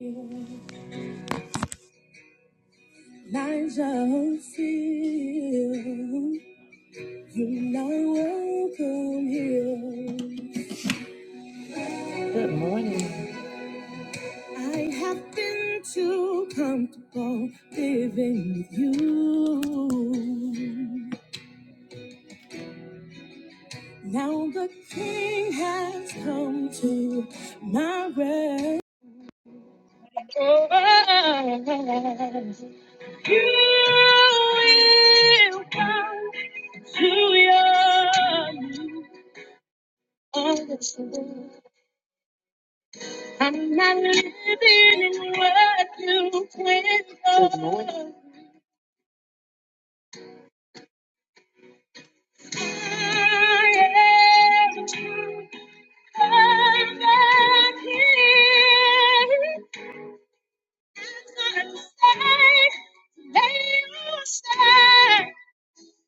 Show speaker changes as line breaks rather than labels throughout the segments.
I shall feel you are welcome here. Good morning. I have been too comfortable living with you. Now the king has come to my rescue. You will come to your I'm not living in what you Good morning. I am I'm not here. I'm not safe. They will say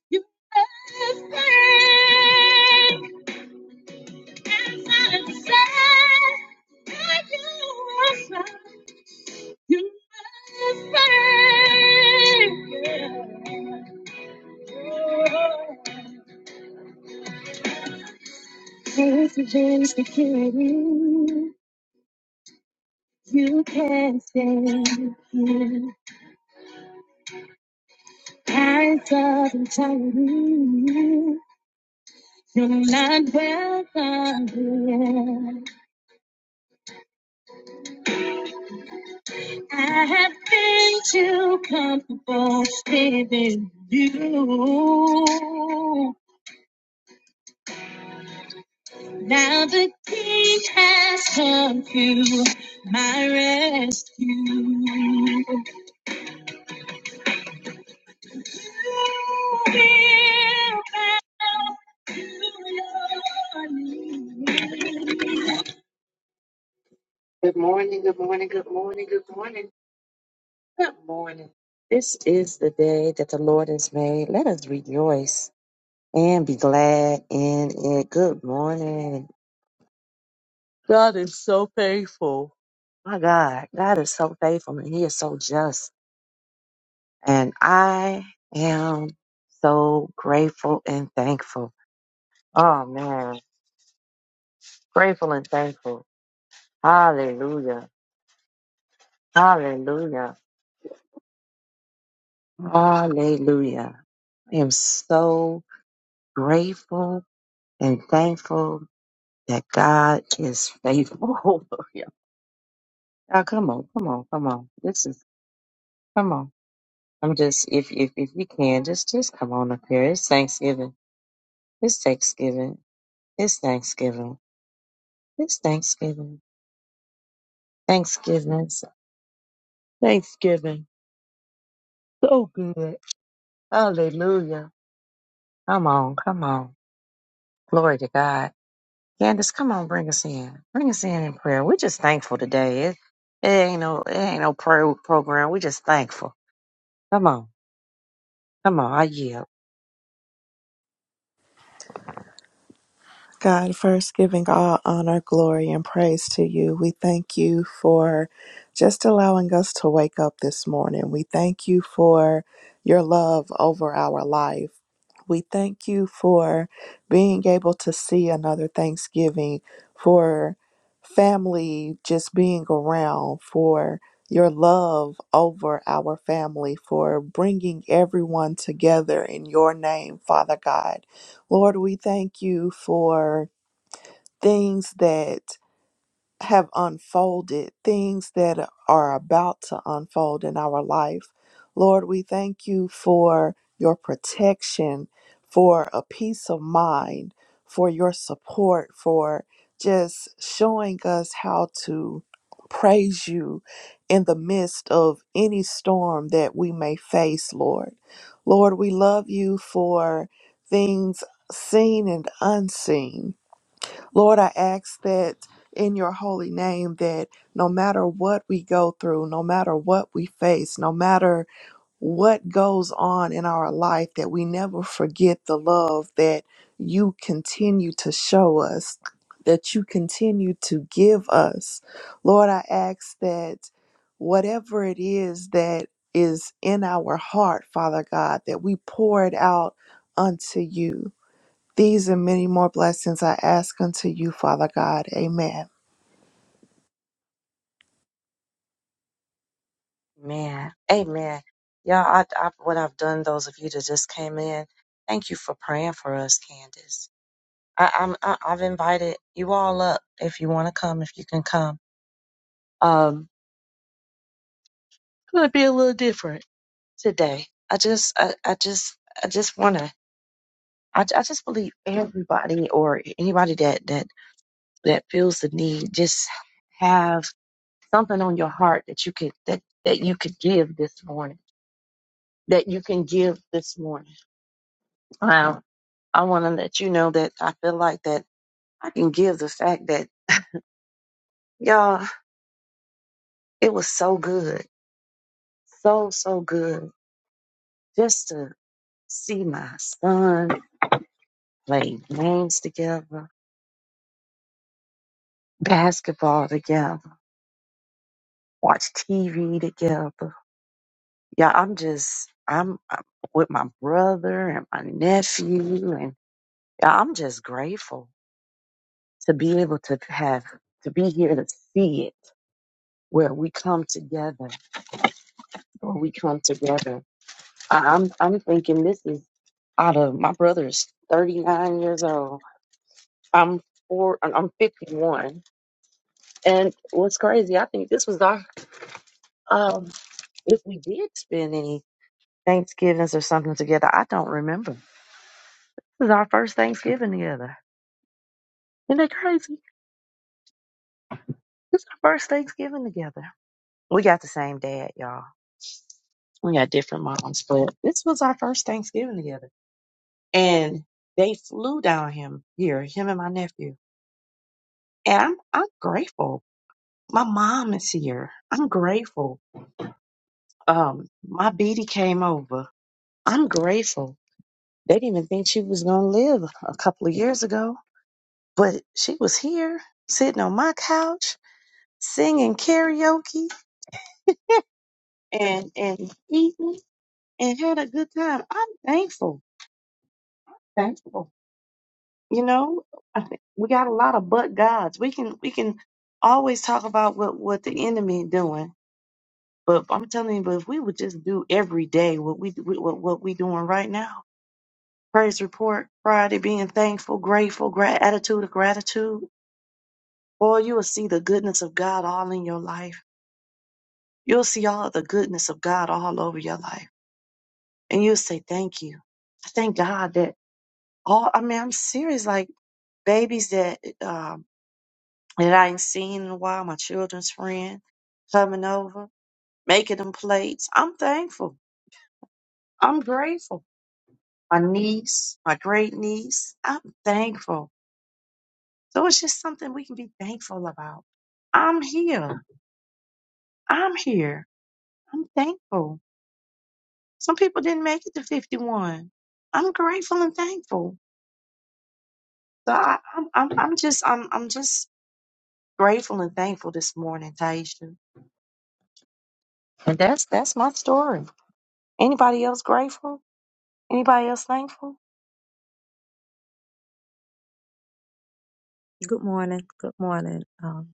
you are safe. I'm not safe. But you are safe. You are safe. This is insecurity. You can't stand here. Eyes of entirety. You're not welcome here. I have been too comfortable living with you. Now the king has come to my rescue. Good morning, good morning, good morning, good morning, good morning. This is the day that the Lord has made. Let us rejoice and be glad in it. Good morning. God is so faithful. My God, God is so faithful and He is so just. And I am so grateful and thankful. Oh man, grateful and thankful. Hallelujah. Hallelujah. Hallelujah. I am so grateful and thankful that God is faithful. Now, come on, come on, come on. This is come on. I'm just if if if you can just just come on up here. It's Thanksgiving. It's Thanksgiving. It's Thanksgiving. It's Thanksgiving. Thanksgiving. Thanksgiving. So good. Hallelujah. Come on, come on. Glory to God. Candace, come on, bring us in. Bring us in in prayer. We're just thankful today. It, it ain't no, it ain't no prayer program. We're just thankful. Come on, come on. I yield,
God, first giving all honor, glory, and praise to you. We thank you for just allowing us to wake up this morning. We thank you for your love over our life. We thank you for being able to see another Thanksgiving, for family just being around, for your love over our family, for bringing everyone together in your name, Father God. Lord, we thank you for things that have unfolded, things that are about to unfold in our life. Lord, we thank you for your protection, for a peace of mind, for your support, for just showing us how to praise you in the midst of any storm that we may face, Lord. Lord, we love you for things seen and unseen Lord, I ask that in your holy name that no matter what we go through, no matter what we face, no matter what goes on in our life, that we never forget the love that you continue to show us, that you continue to give us. Lord, I ask that whatever it is that is in our heart, Father God, that we pour it out unto you. These and many more blessings I ask unto you, Father God. Amen.
man. Amen. Y'all, I, I, what I've done, those of you that just came in, thank you for praying for us, Candace. I, I'm, I, I've invited you all up if you want to come, if you can come. Um, it's gonna be a little different today. I just, I, I just, I just wanna I, I just believe everybody or anybody that that that feels the need, just have something on your heart that you could that that you could give this morning. That you can give this morning. Um, I want to let you know that I feel like that I can give the fact that y'all, it was so good, so so good, just to see my son play games together, basketball together, watch TV together. Yeah, I'm just I'm, I'm with my brother and my nephew and Yeah, I'm just grateful to be able to have to be here to see it where we come together where we come together. I, I'm I'm thinking this is out of my brother's 39 years old. I'm four. I'm I'm 51. And what's crazy, I think this was our um if we did spend any Thanksgivings or something together, I don't remember. This is our first Thanksgiving together. Isn't that crazy? This is our first Thanksgiving together. We got the same dad, y'all. We got different moms, but this was our first Thanksgiving together. And they flew down him here, him and my nephew. And I'm I'm grateful. My mom is here. I'm grateful. Um, my BD came over. I'm grateful. They didn't even think she was gonna live a couple of years ago, but she was here, sitting on my couch, singing karaoke and and eating and had a good time. I'm thankful. Thankful you know I think we got a lot of but gods we can we can always talk about what what the enemy doing but i'm telling you but if we would just do every day what we what, what we doing right now praise report friday being thankful grateful grat- attitude of gratitude boy you will see the goodness of god all in your life you'll see all of the goodness of god all over your life and you'll say thank you i thank god that all i mean i'm serious like babies that um that I ain't seen in a while, my children's friend coming over, making them plates. I'm thankful. I'm grateful. My niece, my great niece, I'm thankful. So it's just something we can be thankful about. I'm here. I'm here. I'm thankful. Some people didn't make it to 51. I'm grateful and thankful. So I, I'm, I'm, I'm just, I'm, I'm just grateful and thankful this morning, Taisha. And that's, that's my story. Anybody else grateful? Anybody else thankful?
Good morning. Good morning, um,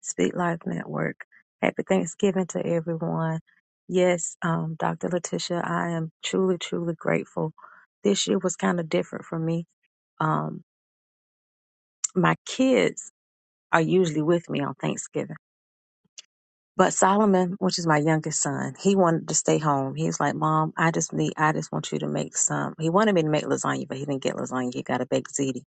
Speak Life Network. Happy Thanksgiving to everyone. Yes, um, Dr. Letitia, I am truly, truly grateful. This year was kind of different for me. Um, my kids are usually with me on Thanksgiving, but Solomon, which is my youngest son, he wanted to stay home. He was like, "Mom, I just need, I just want you to make some." He wanted me to make lasagna, but he didn't get lasagna. He got a baked ziti.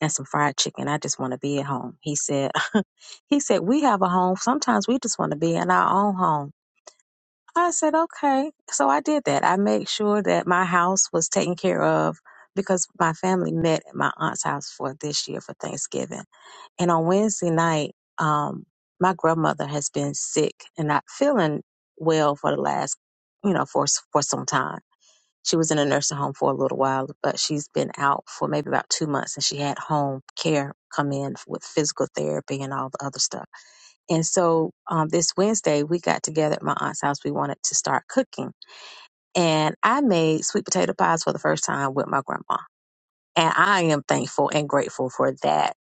and some fried chicken. I just want to be at home. He said, he said, we have a home. Sometimes we just want to be in our own home. I said, okay. So I did that. I made sure that my house was taken care of because my family met at my aunt's house for this year for Thanksgiving. And on Wednesday night, um, my grandmother has been sick and not feeling well for the last, you know, for, for some time she was in a nursing home for a little while, but she's been out for maybe about two months and she had home care come in with physical therapy and all the other stuff. And so um, this Wednesday, we got together at my aunt's house. We wanted to start cooking. And I made sweet potato pies for the first time with my grandma. And I am thankful and grateful for that.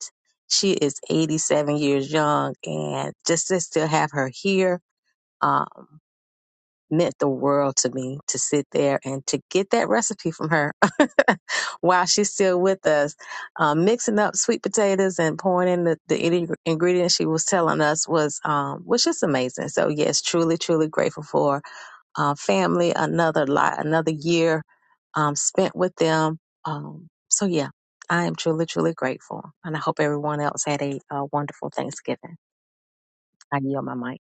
She is 87 years young and just to still have her here. Um, meant the world to me to sit there and to get that recipe from her while she's still with us. Um, mixing up sweet potatoes and pouring in the, the ing- ingredients she was telling us was um, was just amazing. So yes, truly, truly grateful for uh, family. Another lot, another year um, spent with them. Um, so yeah, I am truly, truly grateful, and I hope everyone else had a, uh wonderful Thanksgiving. I yield my mic.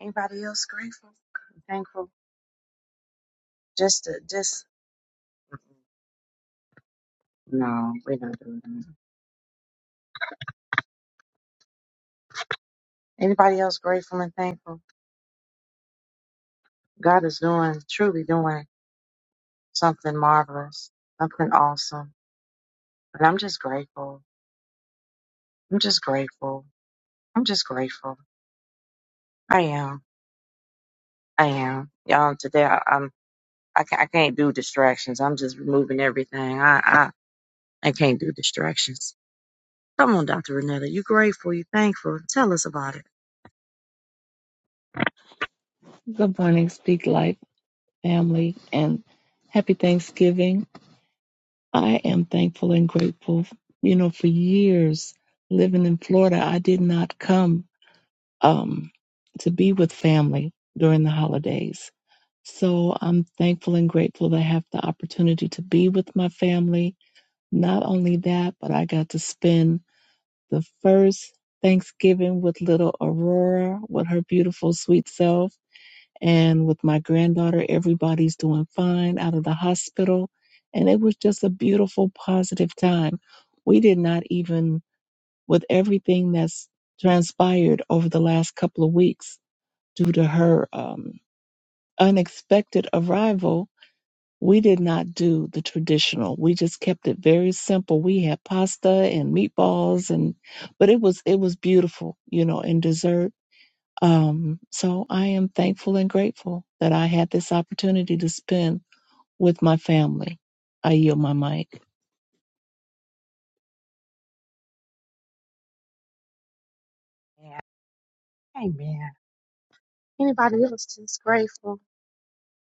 Anybody else grateful? Thankful? Just to, just no, we're not doing that. Anybody else grateful and thankful? God is doing, truly doing something marvelous, something awesome. And I'm just grateful. I'm just grateful. I'm just grateful. I am. I am. Y'all, today I, I'm. I can't, I can't do distractions. I'm just removing everything. I, I, I can't do distractions. Come on, Dr. Renetta. You grateful? You thankful? Tell us about it.
Good morning, Speak Life family, and happy Thanksgiving. I am thankful and grateful. You know, for years living in Florida, I did not come um, to be with family during the holidays. So I'm thankful and grateful to have the opportunity to be with my family. Not only that, but I got to spend the first Thanksgiving with little Aurora, with her beautiful, sweet self and with my granddaughter, everybody's doing fine out of the hospital. And it was just a beautiful, positive time. We did not even, with everything that's transpired over the last couple of weeks due to her um, unexpected arrival, we did not do the traditional. We just kept it very simple. We had pasta and meatballs and but it was it was beautiful, you know, and dessert um, so I am thankful and grateful that I had this opportunity to spend with my family. I yield my mic.
Yeah. Amen. Anybody else just grateful?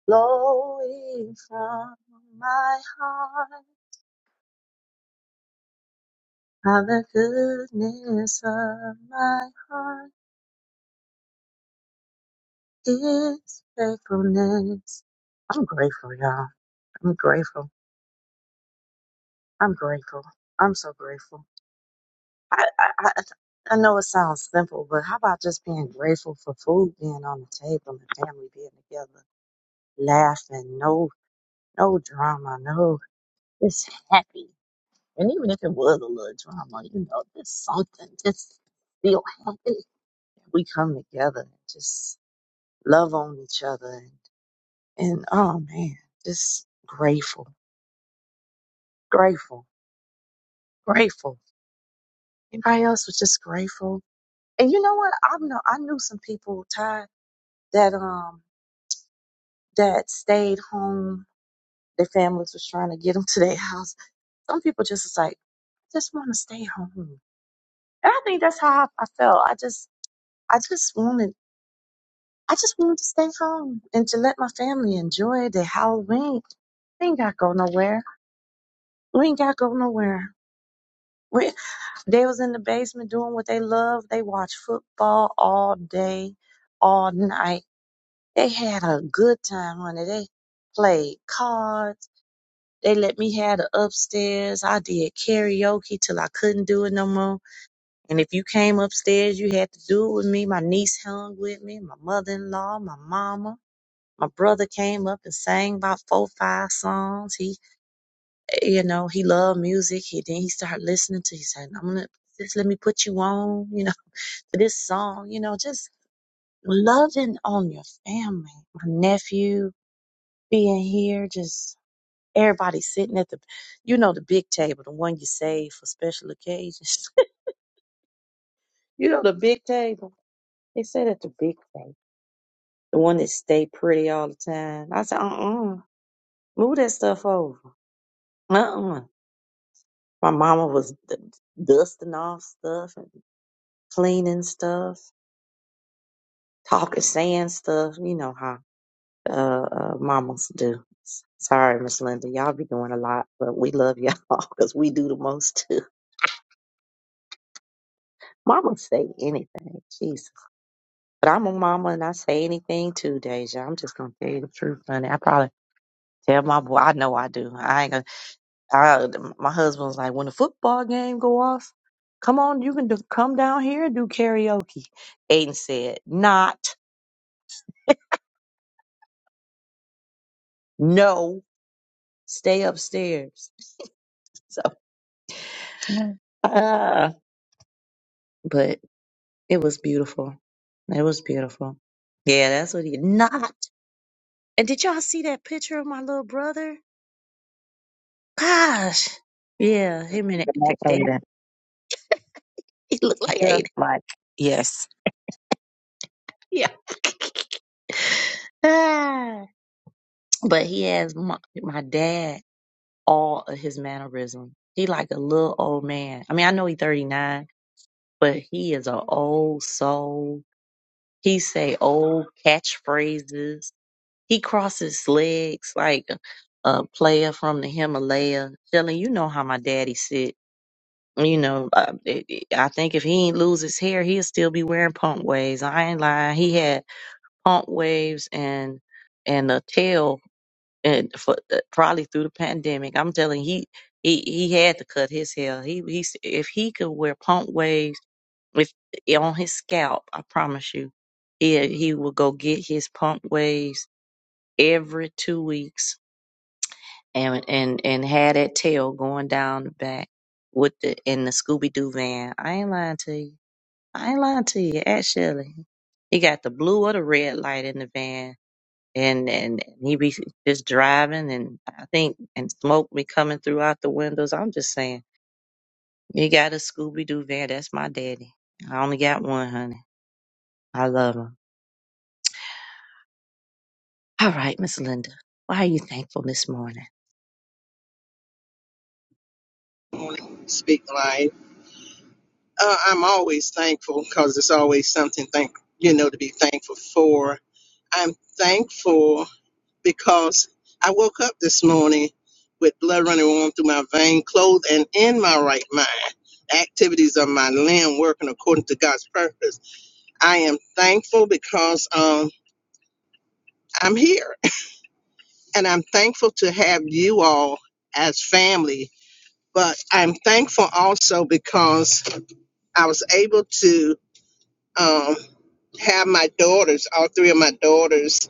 flowing from my heart. How the goodness of my heart is faithfulness. I'm grateful, y'all. I'm grateful. I'm grateful. I'm so grateful. I, I, I, I know it sounds simple, but how about just being grateful for food being on the table and family being together, laughing, no, no drama, no, it's happy. And even if it was a little drama, you know, there's something just feel happy. We come together and just love on each other and, and oh man, just grateful, grateful, grateful. Everybody else was just grateful. And you know what? I know I knew some people, Ty, that um that stayed home. Their families was trying to get them to their house. Some people just was like, I just want to stay home. And I think that's how I, I felt. I just I just wanted. I just wanted to stay home and to let my family enjoy the Halloween. We ain't gotta go nowhere. We ain't gotta go nowhere. We, they was in the basement doing what they love. They watched football all day, all night. They had a good time, honey. They played cards. They let me have the upstairs. I did karaoke till I couldn't do it no more. And if you came upstairs, you had to do it with me. My niece hung with me, my mother-in-law, my mama. My brother came up and sang about four, five songs. He, you know, he loved music. He then he started listening to. He said, "I'm gonna just let me put you on, you know, to this song, you know, just loving on your family." My nephew being here, just everybody sitting at the, you know, the big table, the one you save for special occasions. you know, the big table. They said at the big table, the one that stay pretty all the time. I said, "Uh, uh move that stuff over." Uh, uh My mama was d- dusting off stuff and cleaning stuff, talking, saying stuff. You know how uh, uh, mamas do. S- Sorry, Miss Linda, y'all be doing a lot, but we love y'all because we do the most too. Mama say anything, Jesus. But I'm a mama and I say anything too, Deja. I'm just gonna tell you the truth, honey. I probably tell my boy. I know I do. I ain't gonna I, my husband was like, when the football game go off, come on, you can do, come down here and do karaoke. Aiden said, not, no, stay upstairs. So, ah, but it was beautiful. It was beautiful. Yeah, that's what he not. And did y'all see that picture of my little brother? Gosh, yeah, him and
Like
it- they,
Aiden,
he looked like
just
Aiden.
like yes.
Yeah. Ah. but he has my, my dad. all of his mannerism. He like a little old man. I mean, I know he 39, but he is an old soul. He say old catchphrases. He crosses legs like a player from the Himalaya. Shelly, you know how my daddy sit. You know, uh, it- it- I think if he ain't lose his hair, he'll still be wearing pump waves. I ain't lying. He had pump waves and and a tail and for, uh, probably through the pandemic. I'm telling you, he he he had to cut his hair. He he s- if he could wear pump waves with on his scalp, I promise you, he he would go get his pump waves every two weeks and and and had that tail going down the back with the in the Scooby Doo van. I ain't lying to you. I ain't lying to you. Actually, he got the blue or the red light in the van and and he be just driving, and I think and smoke be coming through out the windows. I'm just saying, you got a Scooby Doo van. That's my daddy. I only got one, honey. I love him. All right, Miss Linda, why are you thankful this morning?
Speak life. Uh, I'm always thankful because there's always something thank you know to be thankful for. I'm thankful because I woke up this morning with blood running warm through my vein, clothed and in my right mind. Activities of my limb working according to God's purpose. I am thankful because um, I'm here, and I'm thankful to have you all as family. But I'm thankful also because I was able to. Um, have my daughters, all three of my daughters,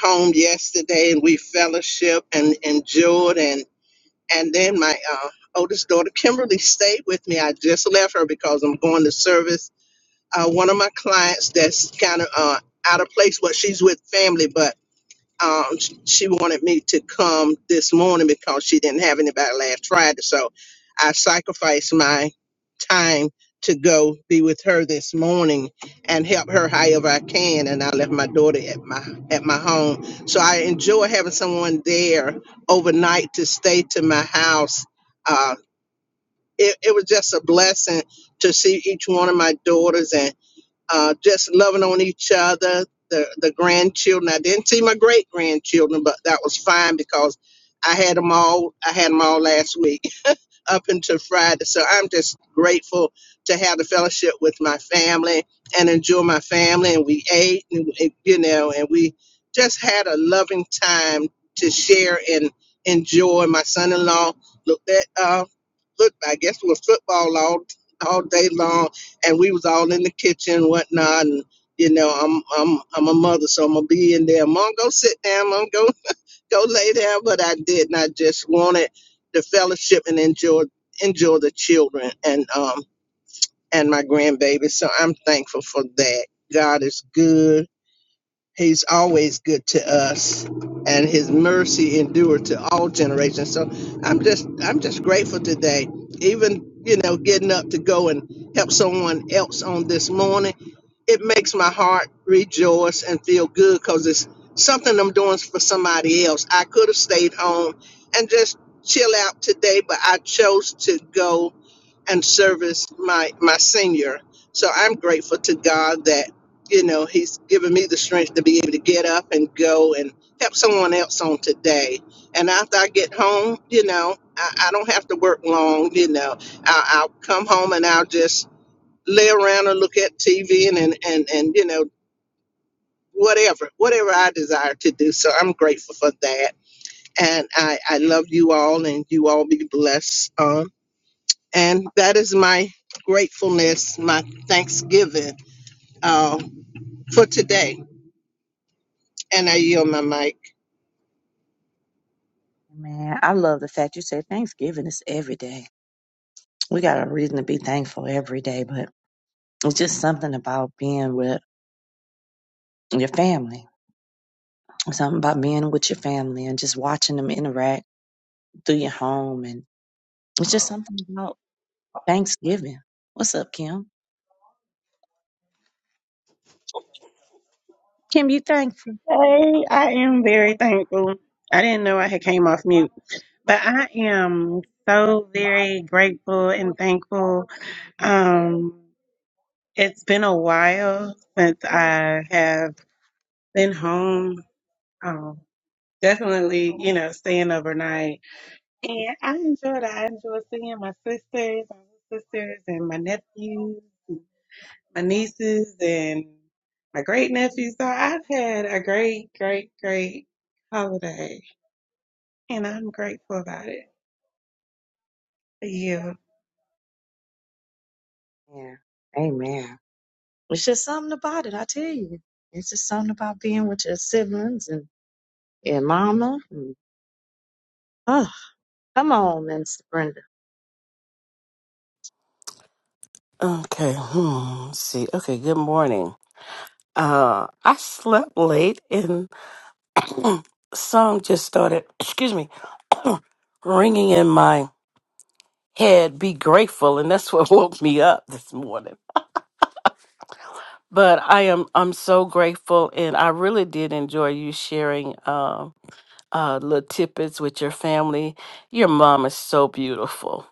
home yesterday, and we fellowship and enjoyed. And and then my uh, oldest daughter Kimberly stayed with me. I just left her because I'm going to service uh, one of my clients that's kind of uh, out of place. Well, she's with family, but um, sh- she wanted me to come this morning because she didn't have anybody last Friday. So I sacrificed my time to go be with her this morning and help her however I can. And I left my daughter at my at my home. So I enjoy having someone there overnight to stay to my house. Uh, it, it was just a blessing to see each one of my daughters and uh, just loving on each other. The, the grandchildren. I didn't see my great grandchildren, but that was fine because I had them all. I had them all last week up until Friday. So I'm just grateful to have the fellowship with my family and enjoy my family. And we ate, and, and, you know, and we just had a loving time to share and enjoy. My son-in-law looked at uh, looked. I guess it was football all all day long, and we was all in the kitchen and whatnot. And you know, I'm I'm I'm a mother, so I'm gonna be in there. Mom, go sit down. Mom, go go lay down, but I didn't. I just wanted the fellowship and enjoy enjoy the children and um and my grandbaby. So I'm thankful for that. God is good. He's always good to us, and His mercy endure to all generations. So I'm just I'm just grateful today. Even you know getting up to go and help someone else on this morning it makes my heart rejoice and feel good because it's something I'm doing for somebody else. I could have stayed home and just chill out today, but I chose to go and service my my senior. So I'm grateful to God that you know He's given me the strength to be able to get up and go and help someone else on today. And after I get home, you know, I, I don't have to work long. You know, I, I'll come home and I'll just lay around and look at TV and and and, and you know whatever whatever I desire to do. So I'm grateful for that, and I I love you all, and you all be blessed. Um, and that is my gratefulness, my thanksgiving uh, for today. And I yield my mic.
Man, I love the fact you said Thanksgiving is every day. We got a reason to be thankful every day, but it's just something about being with your family. Something about being with your family and just watching them interact through your home and it's just something about Thanksgiving. What's up, Kim? Kim, you thankful?
Hey, I am very thankful. I didn't know I had came off mute, but I am so very grateful and thankful. Um, it's been a while since I have been home. Um, definitely, you know, staying overnight, and I enjoyed. it. I enjoyed seeing my sisters, my little sisters, and my nephews. my nieces and my great nephews. So I've had a great, great, great holiday, and I'm grateful about it. Yeah.
Yeah. Amen. It's just something about it, I tell you. It's just something about being with your siblings and your mama. And, oh, come on, Minister Brenda.
Okay, hmm, let's see. Okay, good morning. Uh, I slept late and song just started, excuse me, ringing in my head. Be grateful, and that's what woke me up this morning. But I am, I'm so grateful, and I really did enjoy you sharing um uh, little tidbits with your family. Your mom is so beautiful,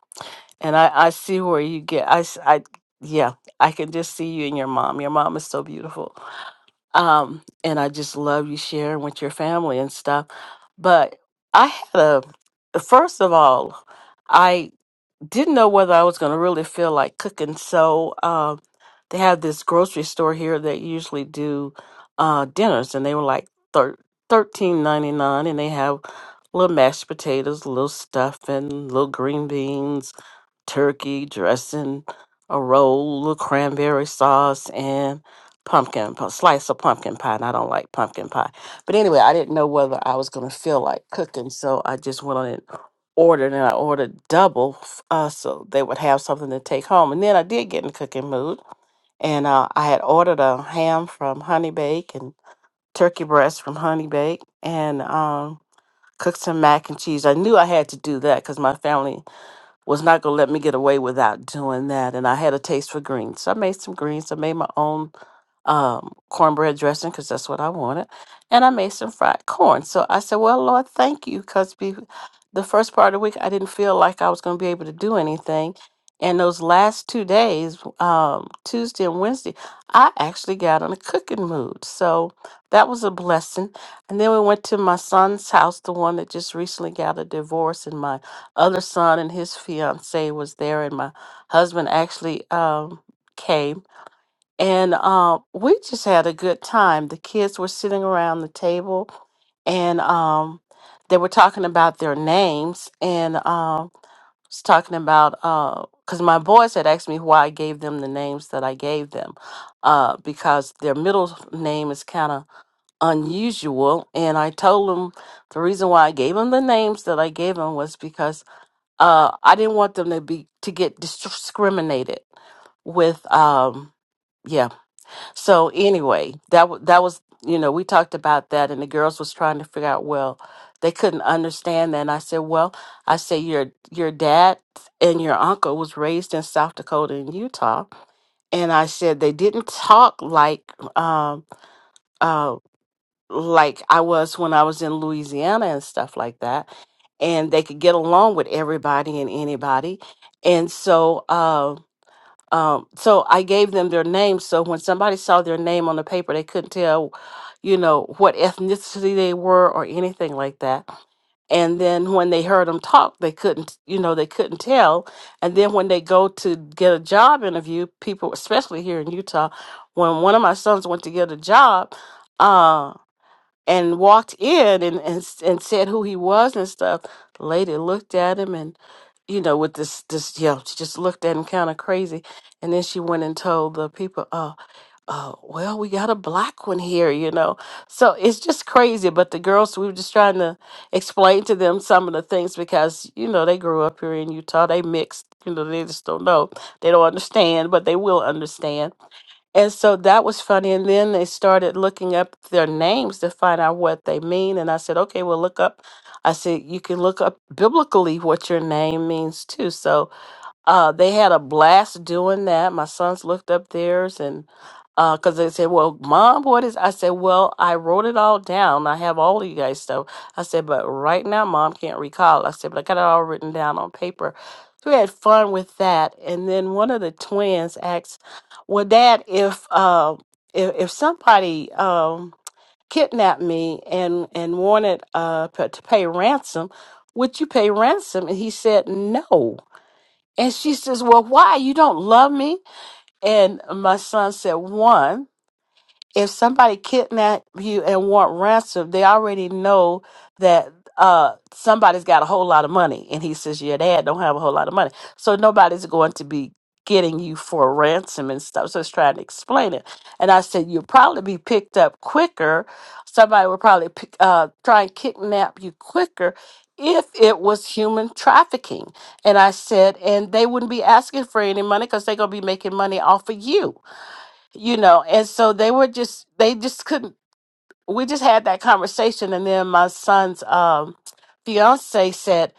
and I, I see where you get. I, s- I- yeah, I can just see you and your mom. Your mom is so beautiful Um, and I just love you sharing with your family and stuff. But I had a, first of all, I didn't know whether I was going to really feel like cooking. So um, they have this grocery store here that usually do uh, dinners, and they were like thir- thirteen ninety nine, and they have little mashed potatoes, little stuffing, little green beans turkey dressing, a roll of cranberry sauce, and pumpkin, a slice of pumpkin pie. And I don't like pumpkin pie. But anyway, I didn't know whether I was going to feel like cooking. So I just went on and ordered, and I ordered double f- uh, so they would have something to take home. And then I did get in the cooking mood. And uh, I had ordered a ham from Honey Bake and turkey breast from Honey Bake and um, cooked some mac and cheese. I knew I had to do that because my family was not going to let me get away without doing that. And I had a taste for greens. So I made some greens. I made my own um, cornbread dressing because that's what I wanted, and I made some fried corn. So I said, "Well, Lord, thank you," because be- the first part of the week I didn't feel like I was going to be able to do anything, and those last two days, um, Tuesday and Wednesday, I actually got in a cooking mood. So that was a blessing. And then we went to my son's house, the one that just recently got a divorce, and my other son and his fiance was there, and my husband actually um, came and um, we just had a good time. The kids were sitting around the table, and um, they were talking about their names, and um, was talking about because my boys had asked me why I gave them the names that I gave them, uh, because their middle name is kind of unusual, and I told them the reason why I gave them the names that I gave them was because uh, I didn't want them to be to get discriminated with. Um, yeah so anyway, that wa- that was you know we talked about that, and the girls was trying to figure out. Well, they couldn't understand that. And I said, well, I said your your dad and your uncle was raised in South Dakota and Utah, and I said they didn't talk like um uh like I was when I was in Louisiana and stuff like that, and they could get along with everybody and anybody, and so. uh, um, so I gave them their names. So when somebody saw their name on the paper, they couldn't tell, you know, what ethnicity they were or anything like that. And then when they heard them talk, they couldn't, you know, they couldn't tell. And then when they go to get a job interview, people, especially here in Utah, when one of my sons went to get a job, uh, and walked in and, and and said who he was and stuff. The lady looked at him and you know with this this you know she just looked at him kind of crazy, and then she went and told the people, oh oh well we got a black one here, you know. So it's just crazy. But the girls we were just trying to explain to them some of the things because you know they grew up here in Utah, they mixed, you know they just don't know, they don't understand, but they will understand and so that was funny. And then they started looking up their names to find out what they mean. And I said, okay, well, look up. I said, you can look up biblically what your name means too. So uh, they had a blast doing that. My sons looked up theirs and because they said, "Well, mom, what is?" I said, "Well, I wrote it all down. I have all of you guys stuff." I said, "But right now, mom can't recall." I said, "But I got it all written down on paper." So we had fun with that. And then one of the twins asked, "Well, Dad, if uh, if, if somebody um, kidnapped me and and wanted uh, p- to pay ransom, would you pay ransom?" And he said, "No." And she says, Well, why? You don't love me? And my son said, One, if somebody kidnap you and want ransom, they already know that uh somebody's got a whole lot of money. And he says your dad don't have a whole lot of money, so nobody's going to be getting you for ransom and stuff. So I was trying to explain it, and I said you'll probably be picked up quicker. Somebody would probably pick, uh, try and kidnap you quicker. If it was human trafficking. And I said, and they wouldn't be asking for any money because they're going to be making money off of you you know and so they were just they just couldn't we just had that conversation and then my son's um fiance said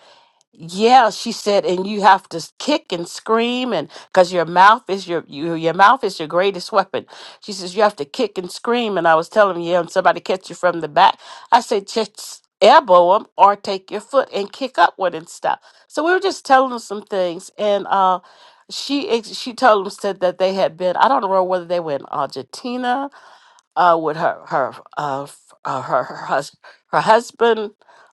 yeah she said and you have to s- kick and scream and because your mouth is your you, your mouth is your greatest weapon she says you have to kick and scream and i was telling you and somebody catch you from the back i said just elbow them or take your foot and kick upward and stuff so we were just telling them some things and uh she ex- she told them said that they had been i don't know whether they were in argentina uh, with her her uh, f- uh, her her, hus- her husband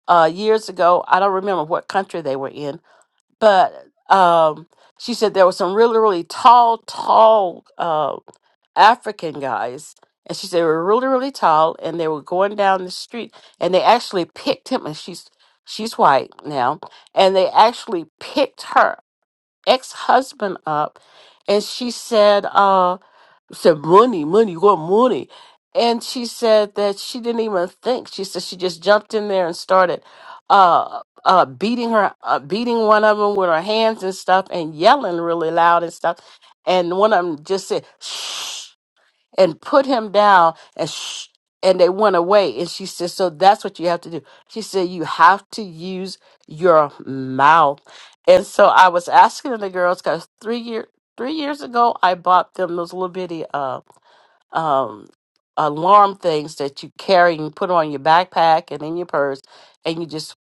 uh, years ago. I don't remember what country they were in, but um, she said there were some really really tall tall uh, African guys, and she said they were really really tall, and they were going down the street, and they actually picked him, and she's she's white now, and they actually picked her ex husband up, and she said. Uh, said, Money, money, you want money? And she said that she didn't even think. She said she just jumped in there and started uh, uh, beating her, uh, beating one of them with her hands and stuff, and yelling really loud and stuff. And one of them just said, "Shh." and put him down and sh- and they went away and she said so that's what you have to do she said you have to use your mouth and so i was asking the girls because three year three years ago i bought them those little bitty uh um alarm things that you carry and put on your backpack and in your purse and you just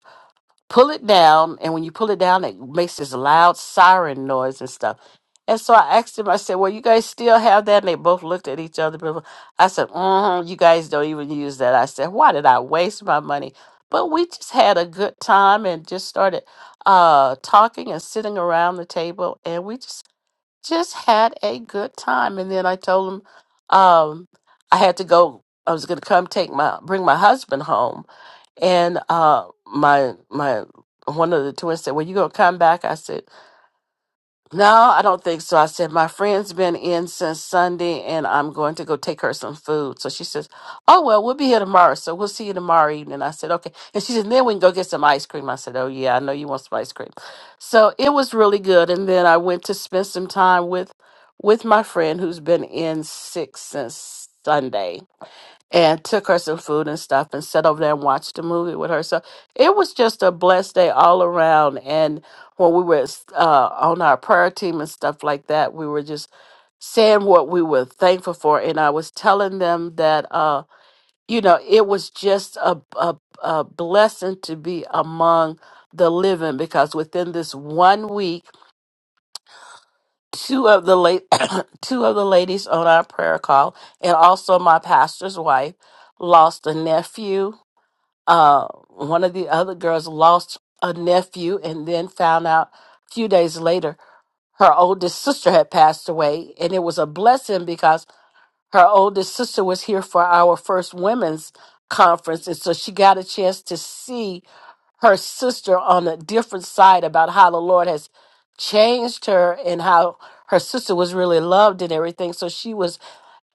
pull it down, and when you pull it down, it makes this loud siren noise and stuff. And so I asked him, I said, Well, you guys still have that? And they both looked at each other. blah, blah. I said, mm You guys don't even use that. I said, Why did I waste my money? But we just had a good time and just started uh, talking and sitting around the table. And we just, just had a good time. And then I told him um, I had to go, I was going to come take my, bring my husband home and uh, my my one of the twins said, "Well, you gonna come back?" I said, "No, I don't think so." I said, "My friend's been in since Sunday, and I'm going to go take her some food." So she says, "Oh well, we'll be here tomorrow, so we'll see you tomorrow evening." I said, "Okay," and she said, "Then we can go get some ice cream." I said, "Oh yeah, I know you want some ice cream." So it was really good, and then I went to spend some time with with my friend who's been in sick since Sunday and took her some food and stuff and sat over there and watched the movie with her. So it was just a blessed day all around. And when we were uh, on our prayer team and stuff like that, we were just saying what we were thankful for. And I was telling them that, uh, you know, it was just a, a, a blessing to be among the living because within this one week, two of the late two of the ladies on our prayer call and also my pastor's wife lost a nephew uh, one of the other girls lost a nephew and then found out a few days later her oldest sister had passed away. And it was a blessing because her oldest sister was here for our first women's conference. And so she got a chance to see her sister on a different side about how the Lord has changed her and how her sister was really loved and everything. So she was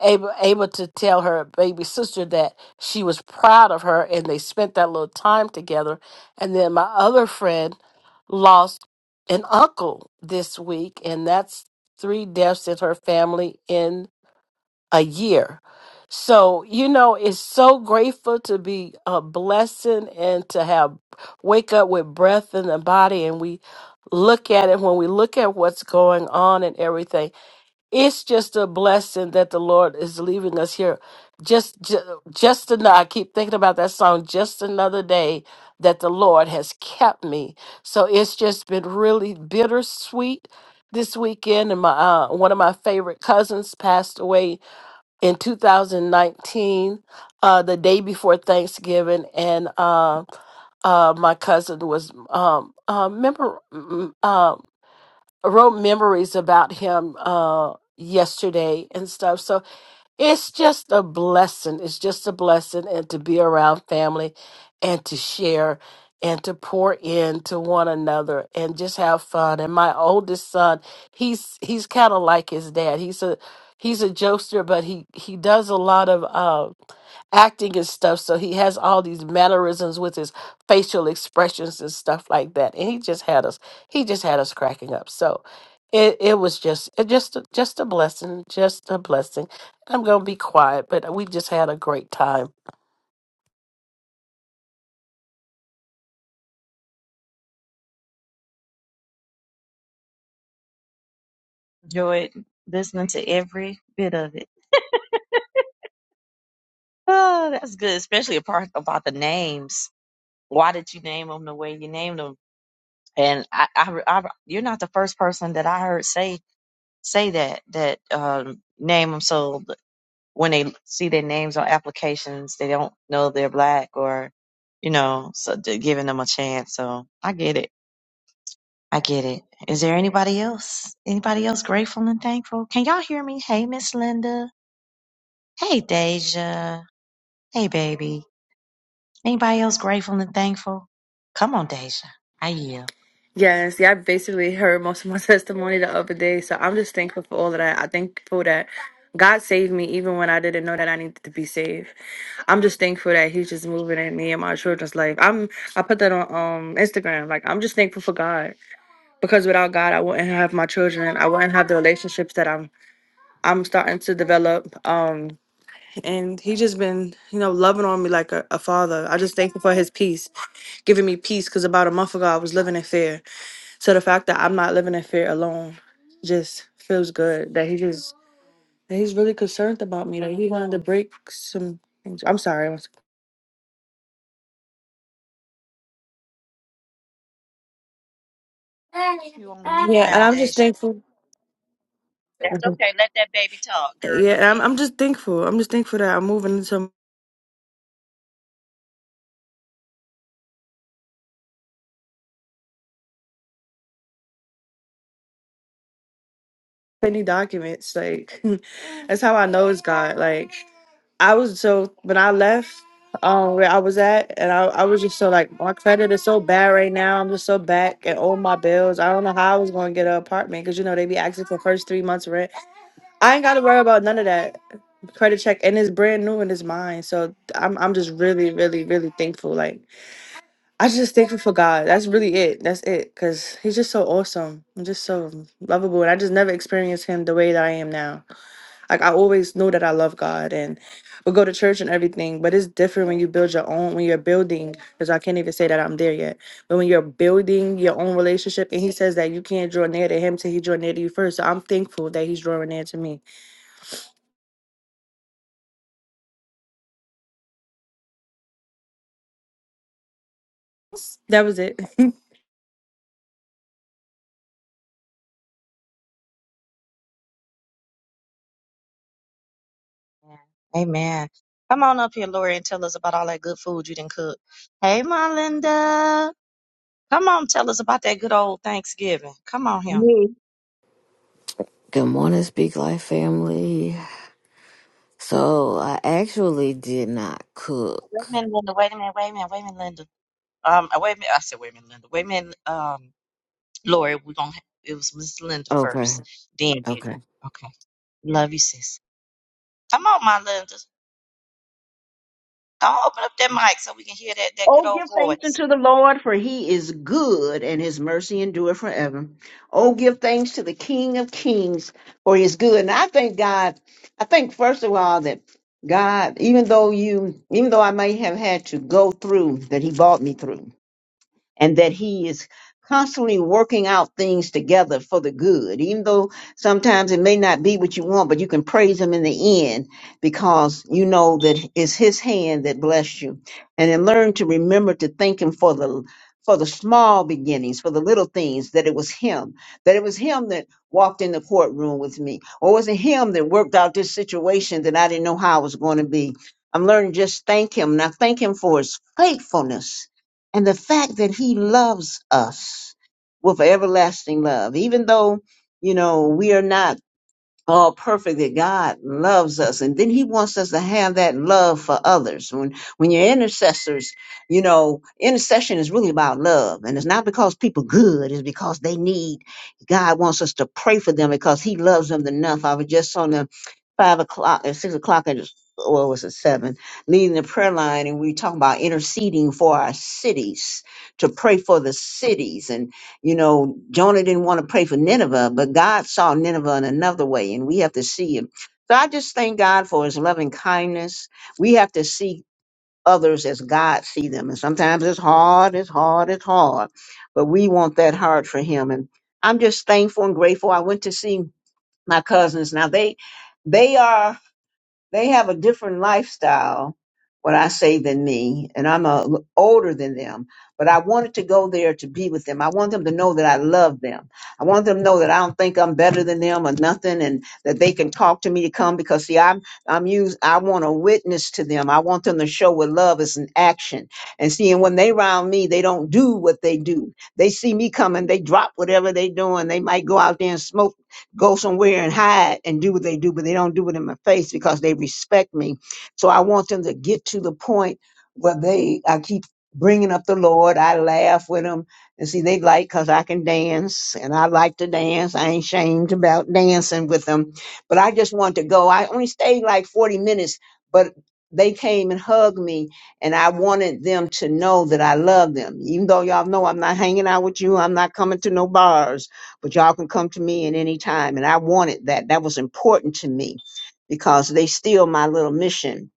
able able to tell her baby sister that she was proud of her and they spent that little time together and then my other friend lost an uncle this week and that's three deaths in her family in a year so you know it's so grateful to be a blessing and to have wake up with breath in the body and we look at it when we look at what's going on and everything it's just a blessing that the Lord is leaving us here. Just, just, just another. I keep thinking about that song. Just another day that the Lord has kept me. So it's just been really bittersweet this weekend. And my uh, one of my favorite cousins passed away in 2019, uh, the day before Thanksgiving, and. Uh, uh, my cousin was um, uh, remember mm, mm, uh, I wrote memories about him uh yesterday and stuff. So it's just a blessing. It's just a blessing and to be around family and to share and to pour in to one another and just have fun. And my oldest son, he's he's kind of like his dad. He's a he's a jokester, but he he does a lot of uh acting and stuff. So he has all these mannerisms with his facial expressions and stuff like that. And he just had us, he just had us cracking up. So it, it was just it just just a blessing, just a blessing. I'm going to be quiet, but we just had a great time.
Enjoyed listening to every bit of it. Oh, that's good, especially a part about the names. Why did you name them the way you named them? And I, I, I you're not the first person that I heard say say that that um, name them. so. when they see their names on applications, they don't know they're black or, you know, so they're giving them a chance. So I get it. I get it. Is there anybody else? Anybody else grateful and thankful? Can y'all hear me? Hey, Miss Linda. Hey, Deja. Hey, baby. Anybody else grateful and thankful? Come on, Deja. I yield.
Yes, yeah, I basically heard most of my testimony the other day. So I'm just thankful for all of that. I thankful that God saved me even when I didn't know that I needed to be saved. I'm just thankful that He's just moving in me and my children's life. I'm I put that on um Instagram. Like I'm just thankful for God. Because without God I wouldn't have my children. I wouldn't have the relationships that I'm I'm starting to develop. Um and he just been, you know, loving on me like a, a father. I just thankful for his peace, giving me peace because about a month ago I was living in fear. So the fact that I'm not living in fear alone just feels good. That he just that he's really concerned about me. That he wanted to break some things. I'm sorry. I'm s-
You on mute
Yeah, and
now,
I'm just
Deja.
thankful.
That's
Mhm.
okay. Let that baby talk, girl.
Yeah,
Go
and I'm
ahead.
I'm just thankful. I'm just thankful that I'm moving into many documents. Like that's how I know it's God. Like I was so when I left um where I was at and I, I was just so like my credit is so bad right now. I'm just so back and all my bills. I don't know how I was gonna get an apartment because you know they be asking for first three months rent. I ain't gotta worry about none of that. Credit check and it's brand new and it's mine. So I'm I'm just really, really, really thankful. Like I just thankful for God. That's really it. That's it. Cause he's just so awesome. I'm just so lovable. And I just never experienced him the way that I am now. Like I always know that I love God and would go to church and everything. But it's different when you build your own when you're building, because I can't even say that I'm there yet. But when you're building your own relationship and he says that you can't draw near to him till he draw near to you first. So I'm thankful that he's drawing near to me That was it.
Amen. Come on up here, Lori, and tell us about all that good food you didn't cook. Hey, my Linda. Come on, tell us about that good old Thanksgiving. Come on here.
Yea.
Good morning, Speak Life family. So I actually did not
Wait
cook.
a minute, Linda. Wait a minute. Wait a minute. Wait a minute, Linda. Um, uh, wait a minute. I said, wait a minute, Linda. Wait a minute, um, Lori. We're gonna. ha- It was Miss Linda
Okay.
first, then you.
Okay.
Okay. Love you, sis. Come on, my Linda. Don't open up that mic so we can hear that that good
Oh,
old
give thanks
voice.
unto the Lord, for he is good, and his mercy endureth forever. Oh, give thanks to the King of kings, for he is good. And I thank God, I think, first of all, that God, even though you, even though I may have had to go through, that he brought me through. and that he is constantly working out things together for the good even though sometimes it may not be what you want but you can praise him in the end because you know that it's his hand that blessed you and then learn to remember to thank him for the for the small beginnings for the little things that it was him that it was him that walked in the courtroom with me or was it him that worked out this situation that i didn't know how it was going to be i'm learning to just thank him and i thank him for his faithfulness and the fact that he loves us with everlasting love, even though, you know, we are not Oh, perfect that God loves us. And then he wants us to have that love for others. When when you're intercessors, you know, intercession is really about love. And it's not because people good, it's because they need God wants us to pray for them because he loves them enough. I was just on the five o'clock at six o'clock at what was it seven leading the prayer line and we were talking about interceding for our cities to pray for the cities you know, Jonah didn't want to pray for Nineveh, but God saw Nineveh in another way, and we have to see him. So I just thank God for his loving kindness. We have to see others as God see them. And sometimes it's hard, it's hard, it's hard. But we want that hard for him. And I'm just thankful and grateful. I went to see my cousins. Now they they are they have a different lifestyle what I say than me, and I'm a, l- older than them. But I wanted to go there to be with them. I want them to know that I love them. I want them to know that I don't think I'm better than them or nothing, and that they can talk to me to come because see, I'm I'm used. I want to witness to them. I want them to show what love is in action. And see, and when they round me, they don't do what they do. They see me coming, they drop whatever they doing. They might go out there and smoke go somewhere and hide and do what they do, but they don't do it in my face because they respect me. So I want them to get to the point where they, I keep bringing up the Lord. I laugh with them and see they like because I can dance and I like to dance. I ain't shamed about dancing with them, but I just want to go. I only stayed like 40 minutes, but they came and hugged me and I wanted them to know that I love them. Even though y'all know I'm not hanging out with you, I'm not coming to no bars but y'all can come to me at any time. And I wanted that. That was important to me because they still my little mission,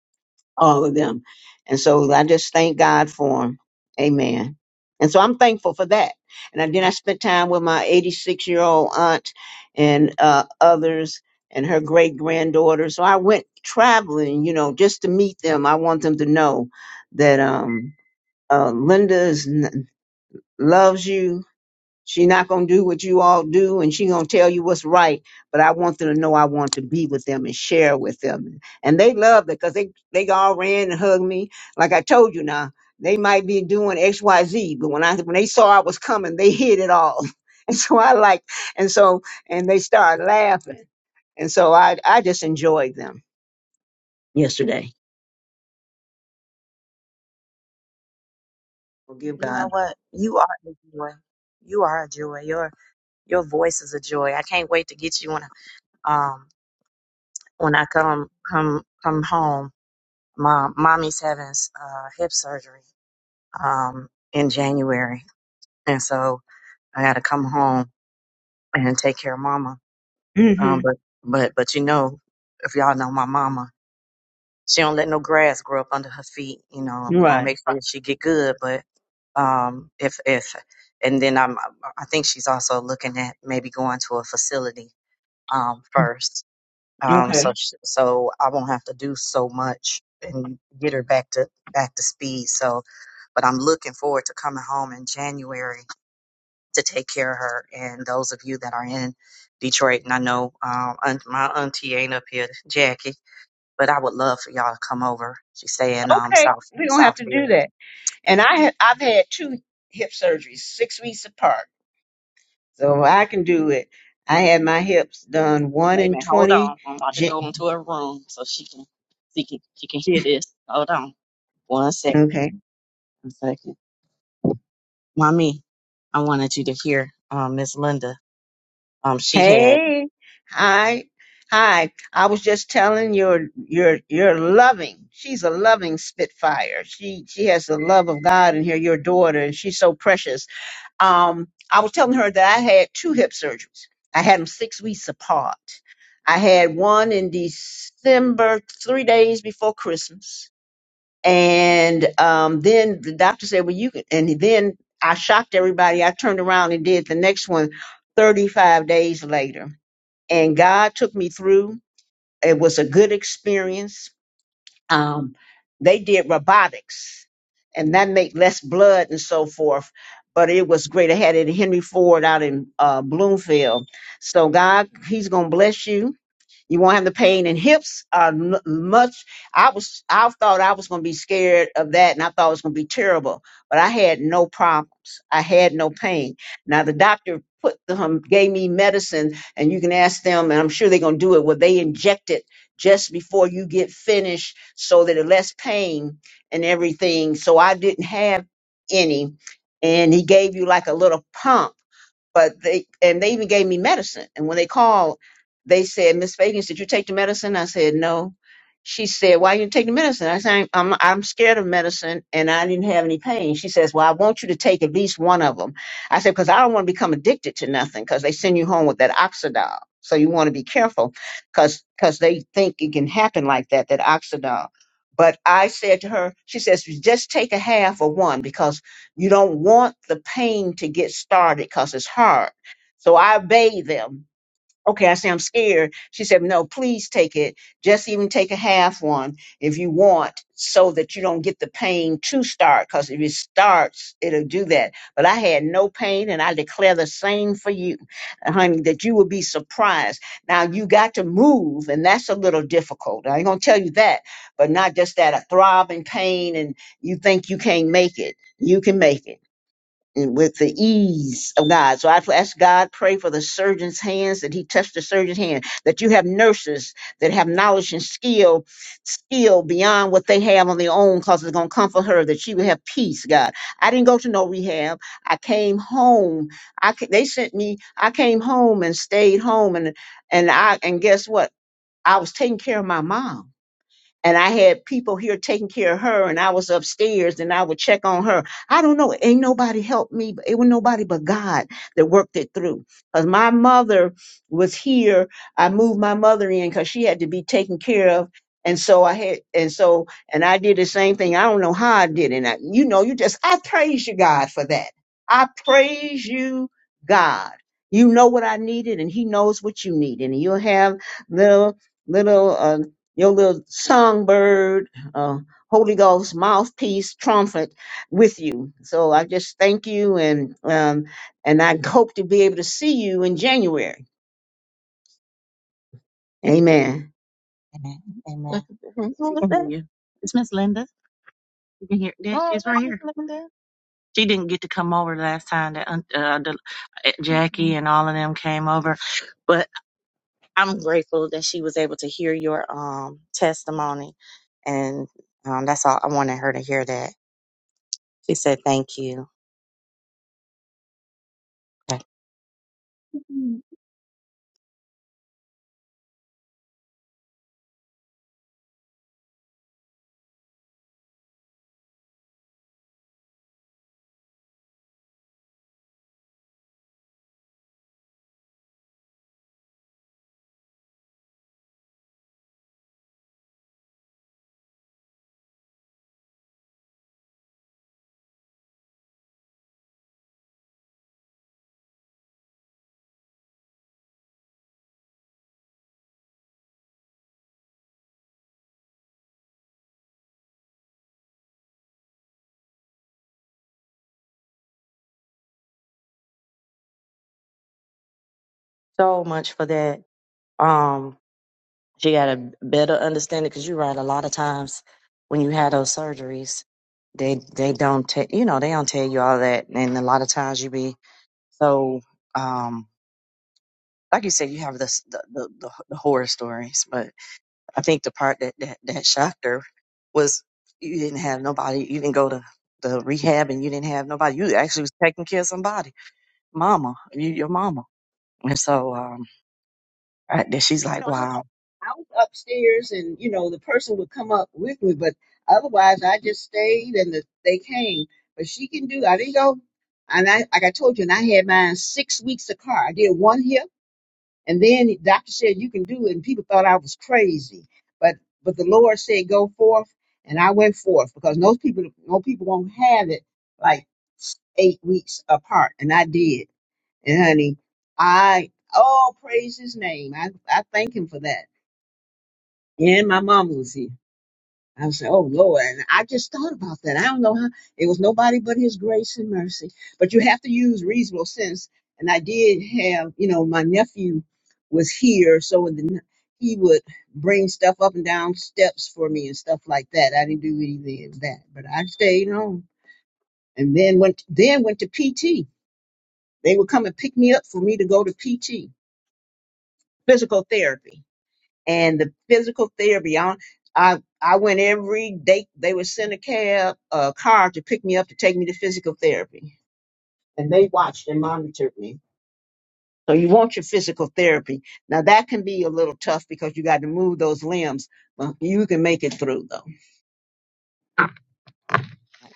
all of them. And so I just thank God for them. Amen. And so I'm thankful for that. And I- then I spent time with my 86 year old aunt and uh, others and her great granddaughter. So I went traveling, you know, just to meet them. I want them to know that um, uh, Linda is, n- loves you she not gonna do what you all do, and she gonna tell you what's right. But I want them to know I want to be with them and share with them, and they loved it because they they all ran and hugged me. Like I told you now, they might be doing X Y Z, but when I when they saw I was coming, they hid it all, and so I like, and so and they started laughing, and so I I just enjoyed them yesterday. Well, give
You know
God.
what? You are a joy. You are a joy. Your your voice is a joy. I can't wait to get you on. Um, when I come come come home, my mommy's having uh, hip surgery um, in January, and so I got to come home and take care of mama. Um,
Mm-hmm.
but but but you know, if y'all know my mama, she don't let no grass grow up under her feet. You know, and we're gonna
Right.
make sure she get good. But um, if if and then I'm I think she's also looking at maybe going to a facility um, first um,
Okay.
so sh- so I won't have to do so much and get her back to back to speed. So, but I'm looking forward to coming home in January to take care of her. And those of you that are in Detroit, and I know um, aunt, my auntie ain't up here, Jackie, but I would love for y'all to come over. She's staying um
Okay.
South
We don't have to do
Southfield.
that. And I had, I've had two hip surgeries, six weeks apart, so I can do it. I had my hips done one
Wait a
in
minute, hold
twenty.
on. I'm about to go
Jan-
into her room so she can she can she can hear this. Hold on, one second,
Okay.
one second. Mommy, I wanted you to hear um, Miss Linda. Um, she had.
Hey, hi, hi. I was just telling your your your loving. She's a loving Spitfire. She she has the love of God in her. Your daughter, and she's so precious um, I was telling her that I had two hip surgeries. I had them six weeks apart. I had one in December, three days before Christmas, and um, then the doctor said, "Well, you can." And then I shocked everybody. I turned around and did the next one 35 days later, and God took me through. It was a good experience um, they did robotics and that made less blood and so forth but it was great i had it at henry ford out in uh, bloomfield so god he's gonna bless you you won't have the pain in hips uh, m- much. I was, I thought I was going to be scared of that, and I thought it was going to be terrible. But I had no problems. I had no pain. Now the doctor put the, um, gave me medicine, and you can ask them, and I'm sure they're going to do it. What they inject it just before you get finished, so that it less pain and everything. So I didn't have any, and he gave you like a little pump but they and they even gave me medicine. And when they called, they said, "Miss Fagans, did you take the medicine?" I said, "No." She said, "Why didn't you take the medicine?" I said, "I'm I'm I'm scared of medicine, and I didn't have any pain." She says, "Well, I want you to take at least one of them." I said, "Because I don't want to become addicted to nothing, because they send you home with that oxidol, so you want to be careful, because because they think it can happen like that, that oxidol." But I said to her, she says, just take a half of one because." You don't want the pain to get started because it's hard. So I bathe them. Okay, I say I'm scared. She said, No, please take it. Just even take a half one if you want, so that you don't get the pain to start. Because if it starts, it'll do that. But I had no pain, and I declare the same for you, honey, that you will be surprised. Now you got to move, and that's a little difficult. I ain't gonna tell you that, but not just that a throbbing pain, and you think you can't make it. You can make it and with the ease of God. So I ask God, pray for the surgeon's hands that He touched the surgeon's hand, that you have nurses that have knowledge and skill, skill beyond what they have on their own, because it's going to comfort her, that she would have peace, God. I didn't go to no rehab. I came home. I ca- they sent me. I came home and stayed home, and and I and guess what? I was taking care of my mom and I had people here taking care of her, and I was upstairs, and I would check on her. I don't know. Ain't nobody helped me. but It was nobody but God that worked it through. Cause my mother was here. I moved my mother in because she had to be taken care of. And so I had, and so, and I did the same thing. I don't know how I did it. And I, you know, you just, I praise you, God, for that. I praise you, God. You know what I needed, and He knows what you need, and you will have little little uh, your little songbird, uh, Holy Ghost mouthpiece trumpet with you. So I just thank you, and um, and I hope to be able to see you in January. Amen.
Amen. Amen. Who was that? you. It's Miss Linda. You can hear. There Oh, she's right Miss here. Linda. She didn't get to come over last time that un- uh, the, uh, Jackie and all of them came over, but I'm grateful that she was able to hear your um, testimony, and um, that's all I wanted her to hear. That she said, "Thank you so much for that." Um, She got a better understanding because you're right. A lot of times when you have those surgeries, they they don't tell you know they don't tell you all that, and a lot of times you be so um like you said you have this, the, the the the horror stories, but I think the part that that that shocked her was you didn't have nobody, you didn't go to the rehab, and you didn't have nobody. You actually was taking care of somebody, mama, you, your mama, and so um I, that she's like,
You know, I,
wow,
I was upstairs, and you know the person would come up with me, but otherwise I just stayed, and the, they came. But she can do. I didn't go, and I like I told you, and I had mine six weeks apart. I did one hip And then the doctor said, You can do it. And people thought I was crazy. But but the Lord said, Go forth. And I went forth because most people most people won't have it like eight weeks apart. And I did. And honey, I oh praise his name. I, I thank him for that. And my mom was here. I was like, oh Lord. And I just thought about that. I don't know how it was nobody but his grace and mercy. But you have to use reasonable sense. And I did have, you know, my nephew was here, so in the, n- he would bring stuff up and down steps for me and stuff like that. I didn't do any of that, but I stayed home and then went then went to PT. They would come and pick me up for me to go to PT, physical therapy and the physical therapy. I I, I went every day. They would send a cab, a car to pick me up to take me to physical therapy, and they watched and monitored me. So you want your physical therapy. Now that can be a little tough because you got to move those limbs, but you can make it through though.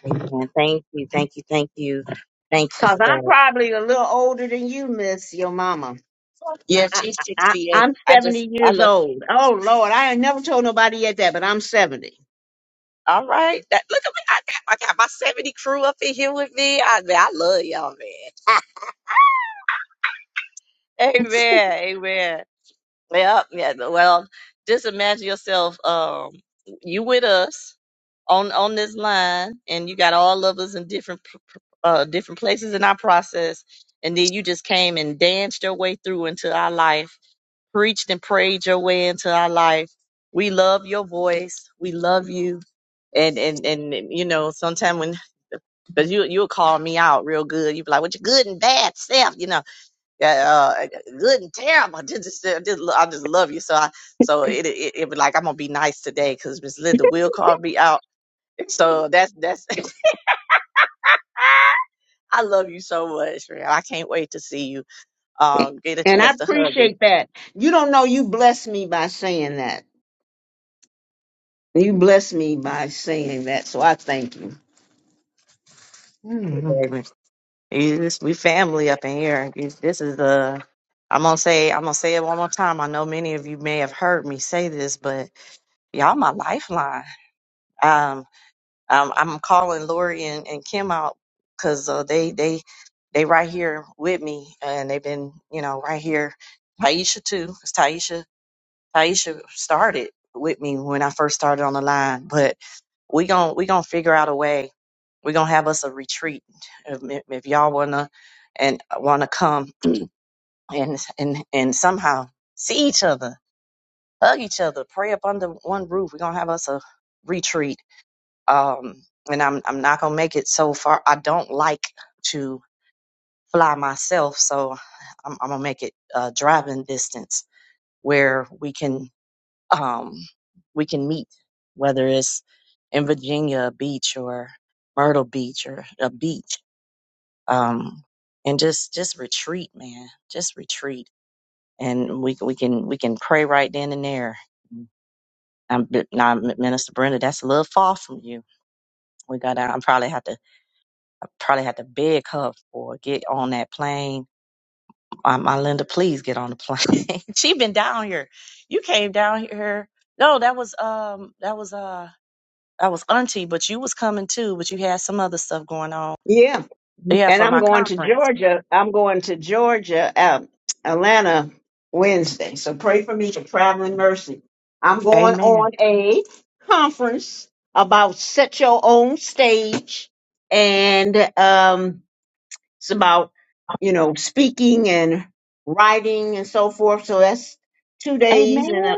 amen, thank you, thank you
Cause
for that.
I'm probably a little older than you, Miss Your Mama. I, I, I- I'm
I just
70
I
years
love.
old. Oh Lord, I ain't never told nobody yet that, but I'm 70,
Tiffany Crew up in here with me. I man, I love y'all, man. amen. Amen. Yeah, yeah. no, Well, just imagine yourself, um, you with us on on this line, and you got all of us in different p- p- uh different places in our process, and then you just came and danced your way through into our life preached and prayed your way into our life. We love your voice. We love you. And and and you know, sometimes when because you you'll call me out real good. You be like, "What your good and bad self?" You know, uh, uh, good and terrible. Just, just, uh, just I just love you. So I so it it, it be like I'm gonna be nice today because Miss Linda will call me out. So that's that's I love you so much, man. I can't wait to see you. Um, get a
and I
chance to hug you,
appreciate that. You don't know you blessed me by saying that You blessed me by saying that, so I thank you. Mm.
baby. You just, we family up in here. You- This is a. I'm gonna say. I'm gonna say it one more time. I know many of you may have heard me say this, but y'all my lifeline. Um, um I'm calling Lori and, and Kim out because uh, they they they right here with me, and they've been you know right here. Taisha too. 'cause Taisha Taisha started with me when I first started on the line, but we gon' we gonna figure out a way. We gonna have us a retreat if, if y'all wanna and wanna come and and and somehow see each other, hug each other, pray up under one roof. We're gonna have us a retreat. Um, and I'm I'm not gonna make it so far. I don't like to fly myself, so I'm, I'm gonna make it uh, driving distance where we can um we can meet, whether it's in Virginia Beach or Myrtle Beach or a beach. Um, and just just retreat, man. Just retreat and we we can we can pray right then and there. I'm now, Minister Brenda. That's a little far from you. We got. I probably have to. I probably have to beg her or get on that plane. Uh, my Linda, please get on the plane. she been down here. You came down here. No, that was um. That was uh. That was auntie, but you was coming too. But you had some other stuff going on.
Yeah,
Yeah,
and
for
I'm
my
going to
conference.
Georgia. I'm going to Georgia, uh, Atlanta Wednesday. So pray for me for traveling mercy. I'm going
Amen.
on a conference about set your own stage, and um, it's about you know speaking and writing and so forth. So that's two
Hey,
days and a,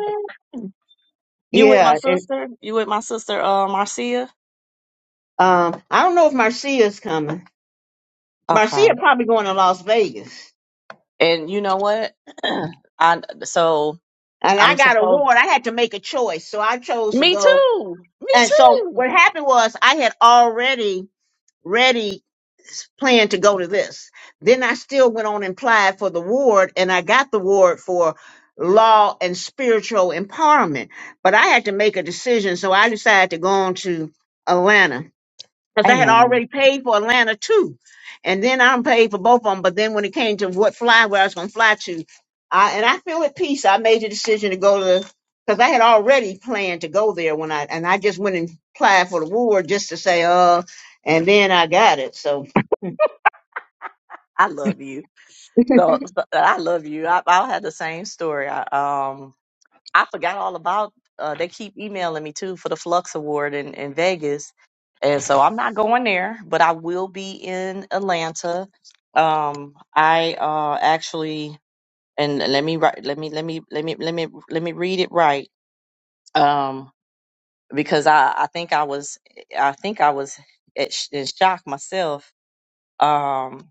you with my
yeah, and
sister? You with my sister, uh, Marcia?
um, I don't know if Marcia's coming.
Okay.
Marcia probably going to Las Vegas.
And you know what? I so
And I
I'm
got a
supposed.
ward. I had to make a choice. So I chose to go. And so what happened was I had already ready s- planned to go to this. Then I still went on and applied for the ward and I got the ward for law and spiritual empowerment. But I had to make a decision. So I decided to go on to Atlanta. because I had
Amen.
already paid for Atlanta too, and then I'm paid for both of them. But then when it came to what fly where I was going to fly to, I and I feel at peace. I made the decision to go to because I had already planned to go there when I and I just went and applied for the award just to say uh, and then I got it. So
I love you. So, so- I love you. I I had the same story. I um I forgot all about. Uh, they keep emailing me too for the Flux Award in in Vegas, and so I'm not going there, but I will be in Atlanta. Um, I uh actually and let me write. Let me let me let me let me let me read it right. Um, because I, I think I was I think I was at sh- in shock myself. Um,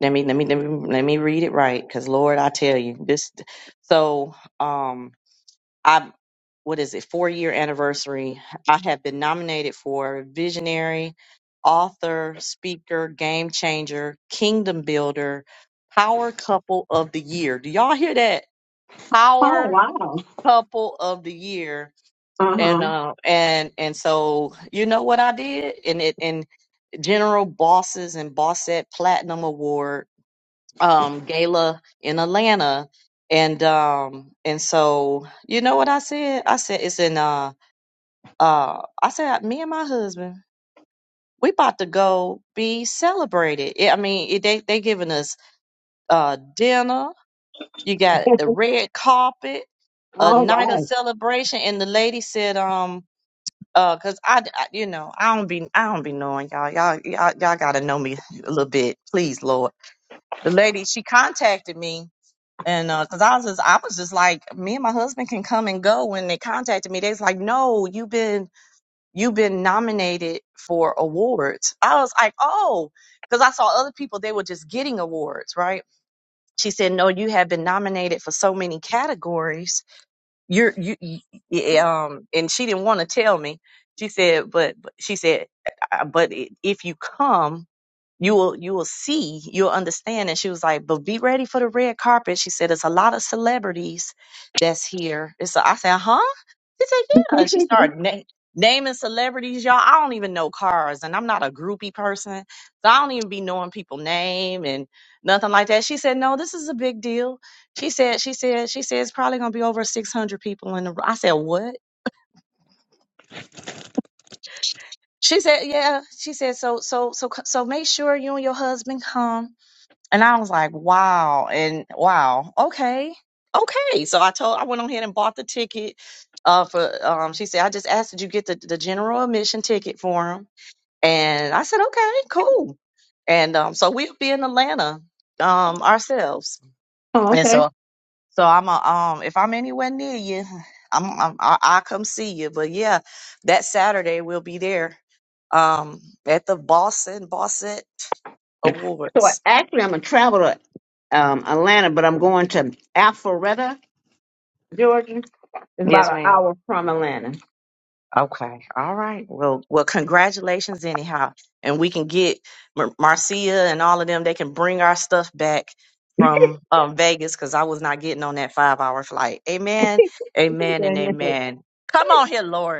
let me let me let me let me read it right, because Lord, I tell you this. So um, I what is it four year anniversary? I have been nominated for visionary, author, speaker, game changer, kingdom builder, power couple of the year. Do y'all hear that?
Oh
Power
wow.
couple of the year
Uh
and
huh.
uh, and and so you know what I did, and it and General Bosses and Bossette Platinum Award um gala in Atlanta, and um and so you know what I said? I said it's in uh uh I said me and my husband we about to go be celebrated. It, I mean it, they they giving us uh dinner. You got the red carpet, a
All
night of
right.
celebration, and the lady said um Uh, cause I, I- you know, I don't be, I don't be knowing y'all. Y'all, y'all, y'all gotta know me a little bit, please, Lord. The lady, she contacted me, and uh, cause I was just, I was just like, me and my husband can come and go. When they contacted me, they was like, no, you've been, you've been nominated for awards. I was like, oh, cause I saw other people, they were just getting awards, right? She's nominated for so many. You're, um, and she didn't want to tell me. She said, but, but she said, uh, but i- if you come you will you will see you'll understand and she was like but be ready for the red carpet she said "It's a lot of celebrities that's here and so i said huh she said yeah and she started na- naming celebrities y'all i don't even know cars and i'm not a groupie person so i don't even be knowing people name and nothing like that she said no this is a big deal she said she said she said it's probably going to be over 600 people in the ro-" i said what she said yeah she said so so so c- so make sure you and your husband come Oh, and wow. Okay. Okay. So I told I went on ahead and bought the ticket uh for um she said I just asked did you get the, the general admission ticket for him? And I said, "Okay, cool." And um so we'll be in Atlanta um ourselves.
Oh,
And
okay.
so so I'm a, um if I'm anywhere near you, I'm, I'm I- I'll come see you. But yeah, that Saturday we'll be there um at the Boston Bosset
so I,
Awards.
actually I'm gonna travel to um, Atlanta, but I'm going to Alpharetta, Georgia. It's about an hour from Atlanta.
Okay. Well, we have. it- Mar- Marcia and all of them, they can bring our stuff back from um, Vegas because I was not getting on that five hour flight. Amen,
Put
amen, and
it
amen. Come on,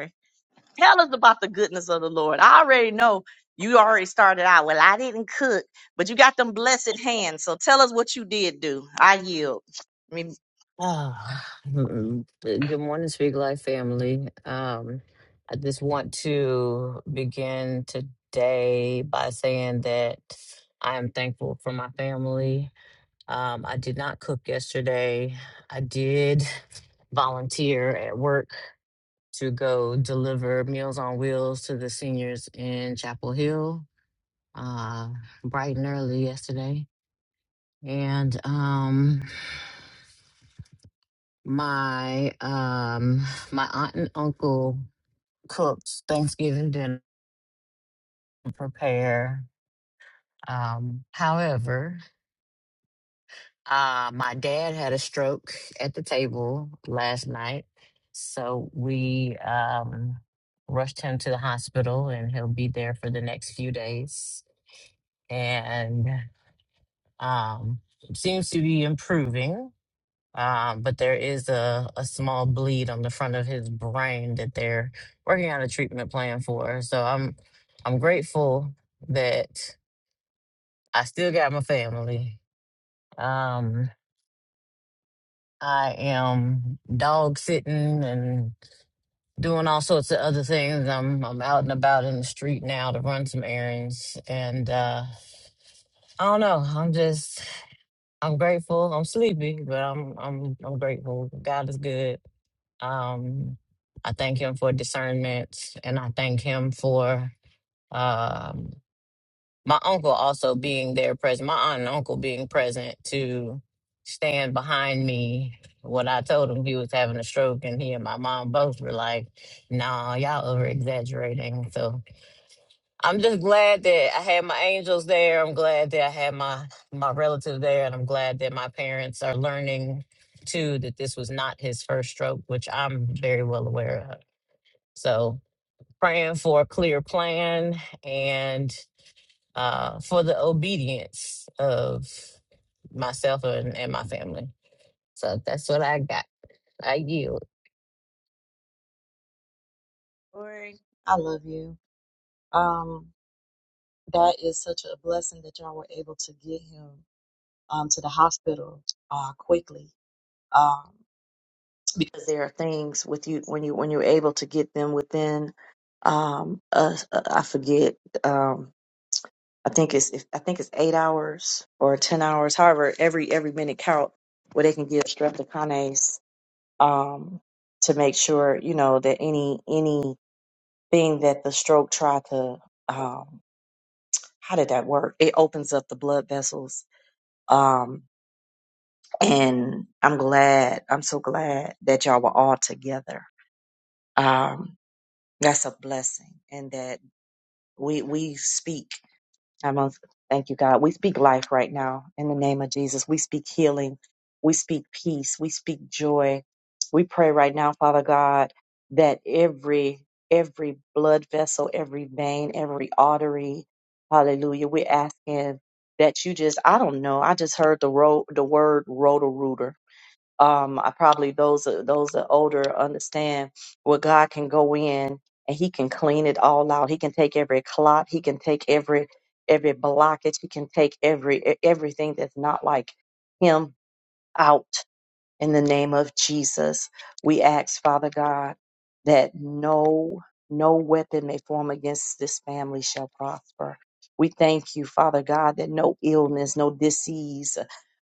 tell us about the goodness of the Lord. I already know you already started out. Well, I didn't cook, but you got them blessed hands. So tell us what you did do. I yield. I mean,
Oh, mm, good morning, Speak Life family. Um, I just want to begin today by saying that I am thankful for my family. Um, I did not cook yesterday. I did volunteer at work to go deliver Meals on Wheels to the seniors in Chapel Hill uh, bright and early yesterday, and um, my um, my aunt and uncle cooked Thanksgiving dinner to prepare. Um, however, uh, my dad had a stroke at the table last night, so we um, rushed him to the hospital, and he'll be there for the next few days. And um, seems to be improving Um, but there is a, a small bleed on the front of his brain that they're working on a treatment plan for. So I'm I'm grateful that I still got my family. Um, I am dog sitting and doing all sorts of other things. I'm I'm out and about in the street now to run some errands and uh I don't know. I'm just I'm grateful. I'm sleepy, but I'm I'm I'm grateful. God is good. Um, I thank him for discernment, and I thank him for um, my uncle also being there present, my aunt and uncle being present to stand behind me. When I told him he was having a stroke, and he and my mom both were like, "Nah, y'all over exaggerating." So I'm just glad that I had my angels there. I'm glad that I had my my relatives there, and I'm glad that my parents are learning too that this was not his first stroke, which I'm very well aware of. So praying for a clear plan and uh, for the obedience of myself and, and my family. So that's what I got. I yield.
um, awkwardly, um, because there are things with you when you when you're able to get them within. Um, uh, I forget. um, I think it's if, I think it's eight hours or ten hours. However, every every minute count where they can give streptokinase um, to make sure you know that any anything that the stroke tried to um, how did that work? It opens up the blood vessels. Um, and I'm glad. I'm so glad that y'all were all together. Um, that's a blessing, and that we we speak. I'm on, thank you, God. We speak life right now in the name of Jesus. We speak healing. We speak peace. We speak joy. We pray right now, Father God, that every every blood vessel, every vein, every artery, Hallelujah. We're asking that you just, I don't know, I just heard the ro- the word rotor um, I probably those are, those are older understand where God can go in and He can clean it all out. He can take every clot. He can take every every blockage. He can take every e- everything that's not like Him out. In the name of Jesus, we ask, Father God, that no no weapon may form against this family shall prosper. We thank you, Father God, that no illness, no disease,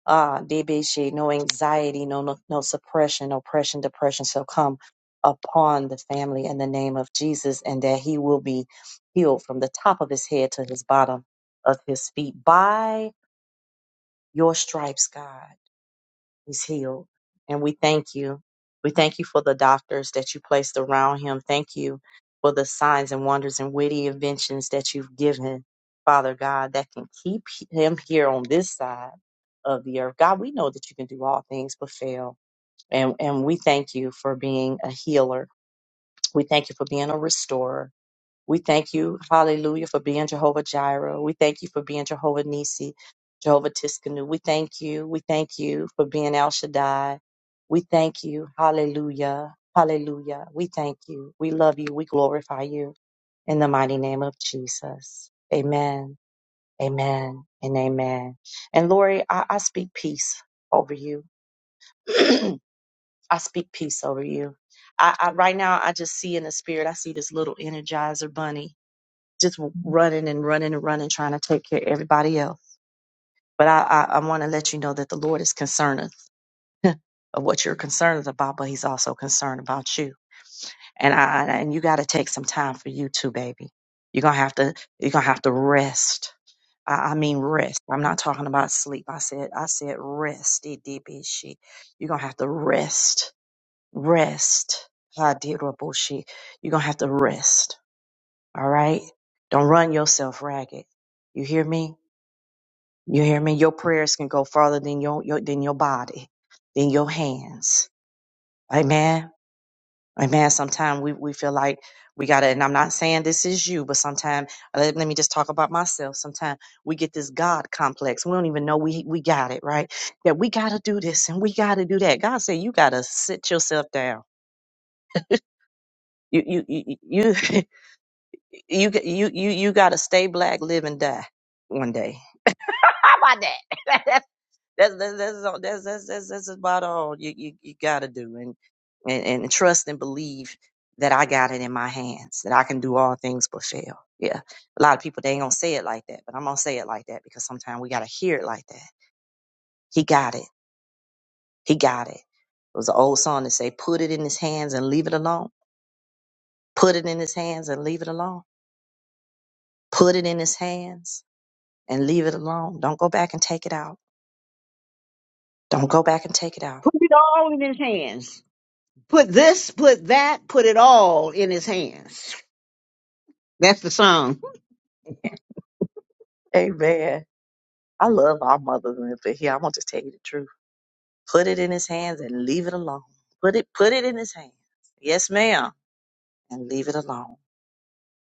ah, debashe, no anxiety, no, no no suppression, no oppression, depression shall come upon the family in the name of Jesus, and that he will be healed from the top of his head to his bottom of his feet by your stripes, God. He's healed. And we thank you. We thank you for the doctors that you placed around him. Thank you for the signs and wonders and witty inventions that you've given, Father God, that can keep him here on this side of the earth. God, we know that you can do all things but fail. And, and we thank you for being a healer. We thank you for being a restorer. We thank you, hallelujah, for being Jehovah Jireh. We thank you for being Jehovah Nisi, Jehovah Tiskanu. We thank you. We thank you for being El Shaddai. We thank you, hallelujah, hallelujah. We thank you. We love you. We glorify you in the mighty name of Jesus. Amen, amen, and amen. And Lori, I, I speak peace over you. I speak peace over you. I, I right now I just see in the spirit, I see this little energizer bunny just running and running and running, trying to take care of everybody else. But I, I, I want to let you know that the Lord is concerned of what you're concerned about, but He's also concerned about you. And I and you got to take some time for you too, baby. You're gonna have to you're gonna have to rest. I, I mean rest. I'm not talking about sleep. I said I said rest. DDBC. You're gonna have to rest. Rest. Ah, dear Lord, bullshit. You're gonna have to rest. All right. Don't run yourself ragged. You hear me? You hear me? Your prayers can go farther than your, your than your body, than your hands. Amen. Amen. Sometimes we, we feel like we gotta, and I'm not saying this is you, but sometimes let, let me just talk about myself. Sometimes we get this God complex. We don't even know we we got it, right? That we gotta do this and we gotta do that. God said you gotta sit yourself down. You you you you you you you, you gotta stay black, live and die one day. How about that? That's that's that's all- that's that's that's, that's about all you, you you gotta do, and, and and trust and believe that I got it in my hands, that I can do all things but fail. Yeah, a lot of people they ain't gonna say it like that, but I'm gonna say it like that because sometimes we gotta hear it like that. He got it. He got it. It was an old song that say, "Put it in his hands and leave it alone. Put it in his hands and leave it alone. Put it in his hands and leave it alone. Don't go back and take it out. Don't go back and take it out."
all in his hands. Put this, put that, put it all in his hands. That's the song.
Amen. I love our mothers, and if they're here, i want to tell you the truth. Put it in his hands and leave it alone. Put it, put it in his hands. Yes, ma'am, and leave it alone.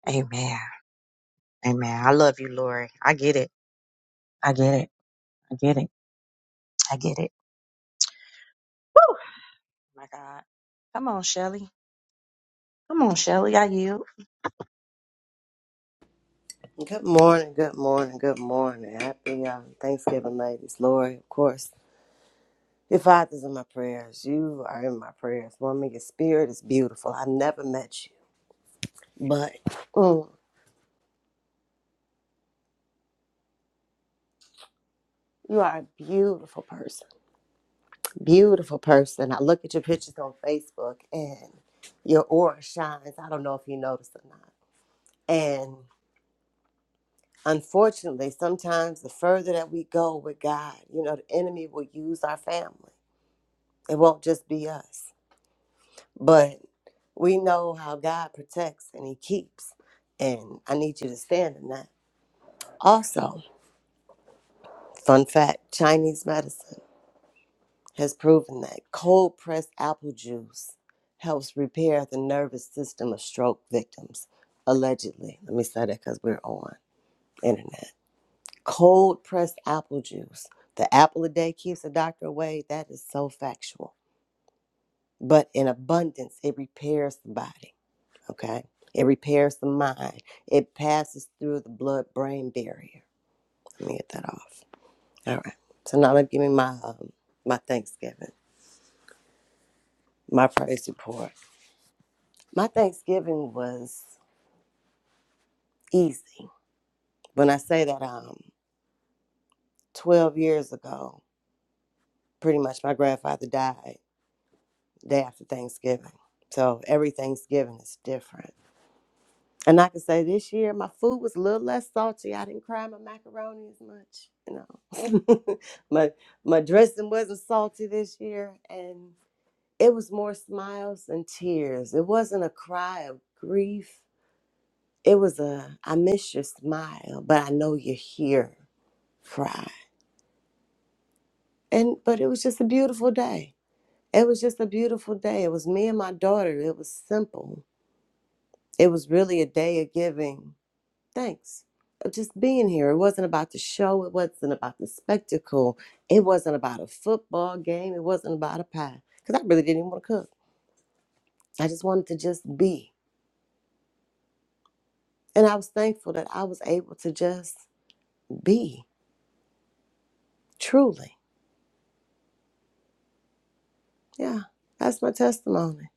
Amen. Amen. I love you, Lori. I get it. I get it. I get it. I get it. Woo! My God. Come on, Shelly. Come on, Shelly. I yield.
Good morning, good morning, good morning. Happy uh, Thanksgiving, ladies. Lori, of course, your father's in my prayers. You are in my prayers. Woman, your spirit is beautiful. I never met you, but mm, you are a beautiful person. Beautiful person. I look at your pictures on Facebook and your aura shines. I don't know if you noticed or not. And unfortunately, sometimes the further that we go with God, you know, the enemy will use our family. It won't just be us But we know how God protects and He keeps. And I need you to stand in that. Also, fun fact Chinese medicine has proven that cold pressed apple juice helps repair the nervous system of stroke victims, allegedly. Let me say that because we're on internet. Cold pressed apple juice. The apple a day keeps the doctor away. That is so factual. But in abundance, it repairs the body. okay? It repairs the mind. It passes through the blood-brain barrier. Let me get that off. All right. So now I'm gonna give me my um, my Thanksgiving, my praise report. My Thanksgiving was easy. When I say that, um, 12 years ago, pretty much my grandfather died day after Thanksgiving. So every Thanksgiving is different. And I can say this year my food was a little less salty. I didn't cry my macaroni as much, you know. my my dressing wasn't salty this year and it was more smiles and tears. It wasn't a cry of grief. It was a I miss your smile, but I know you're here cry. And but it was just a beautiful day. It was just a beautiful day. It was me and my daughter. It was simple. It was really a day of giving Thanks. Uh, Just being here. It wasn't about the show. It wasn't about the spectacle. It wasn't about a football game. It wasn't about a pie. Because I really didn't even want to cook. I just wanted to just be. And I was thankful that I was able to just be. Truly. Yeah. That's my testimony.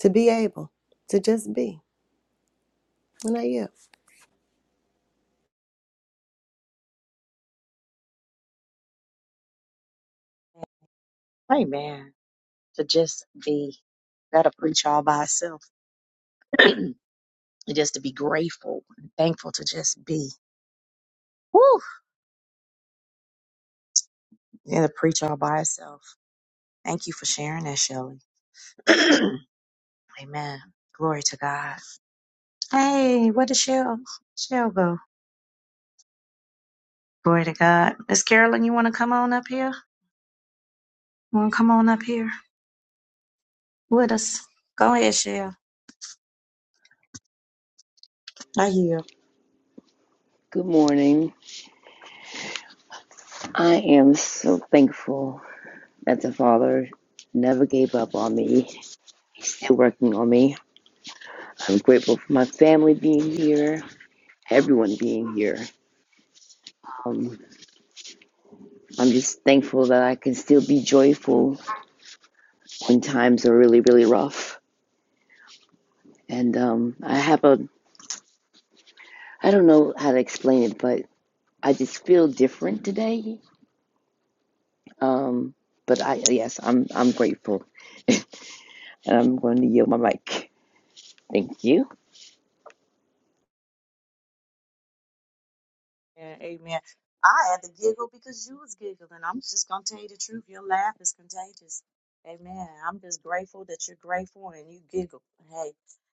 To be able to just be. And I yeah.
Amen. To just be. That'll preach all by itself. And Just to be grateful and thankful to just be. Woo! It'll preach all by itself. Thank you for sharing that, Shelly. Amen. Glory to God. Hey, where did Shell? Shell go? Glory to God. Miss Carolyn, you want to come on up here? Want to come on up here with us? Go ahead, Shell. I hear.
Good morning. I am so thankful that the Father never gave up on me. He's still working on me. I'm grateful for my family being here, everyone being here. Um, I'm just thankful that I can still be joyful when times are really, really rough. And um, I have a, I don't know how to explain it, but I just feel different today. Um, but I, yes, I'm, I'm grateful, and I'm going to yield my mic. Thank you.
Yeah, amen. I had to giggle because you was giggling. I'm just gonna tell you the truth. Your laugh is contagious. Amen. I'm just grateful that you're grateful and you giggle. Hey,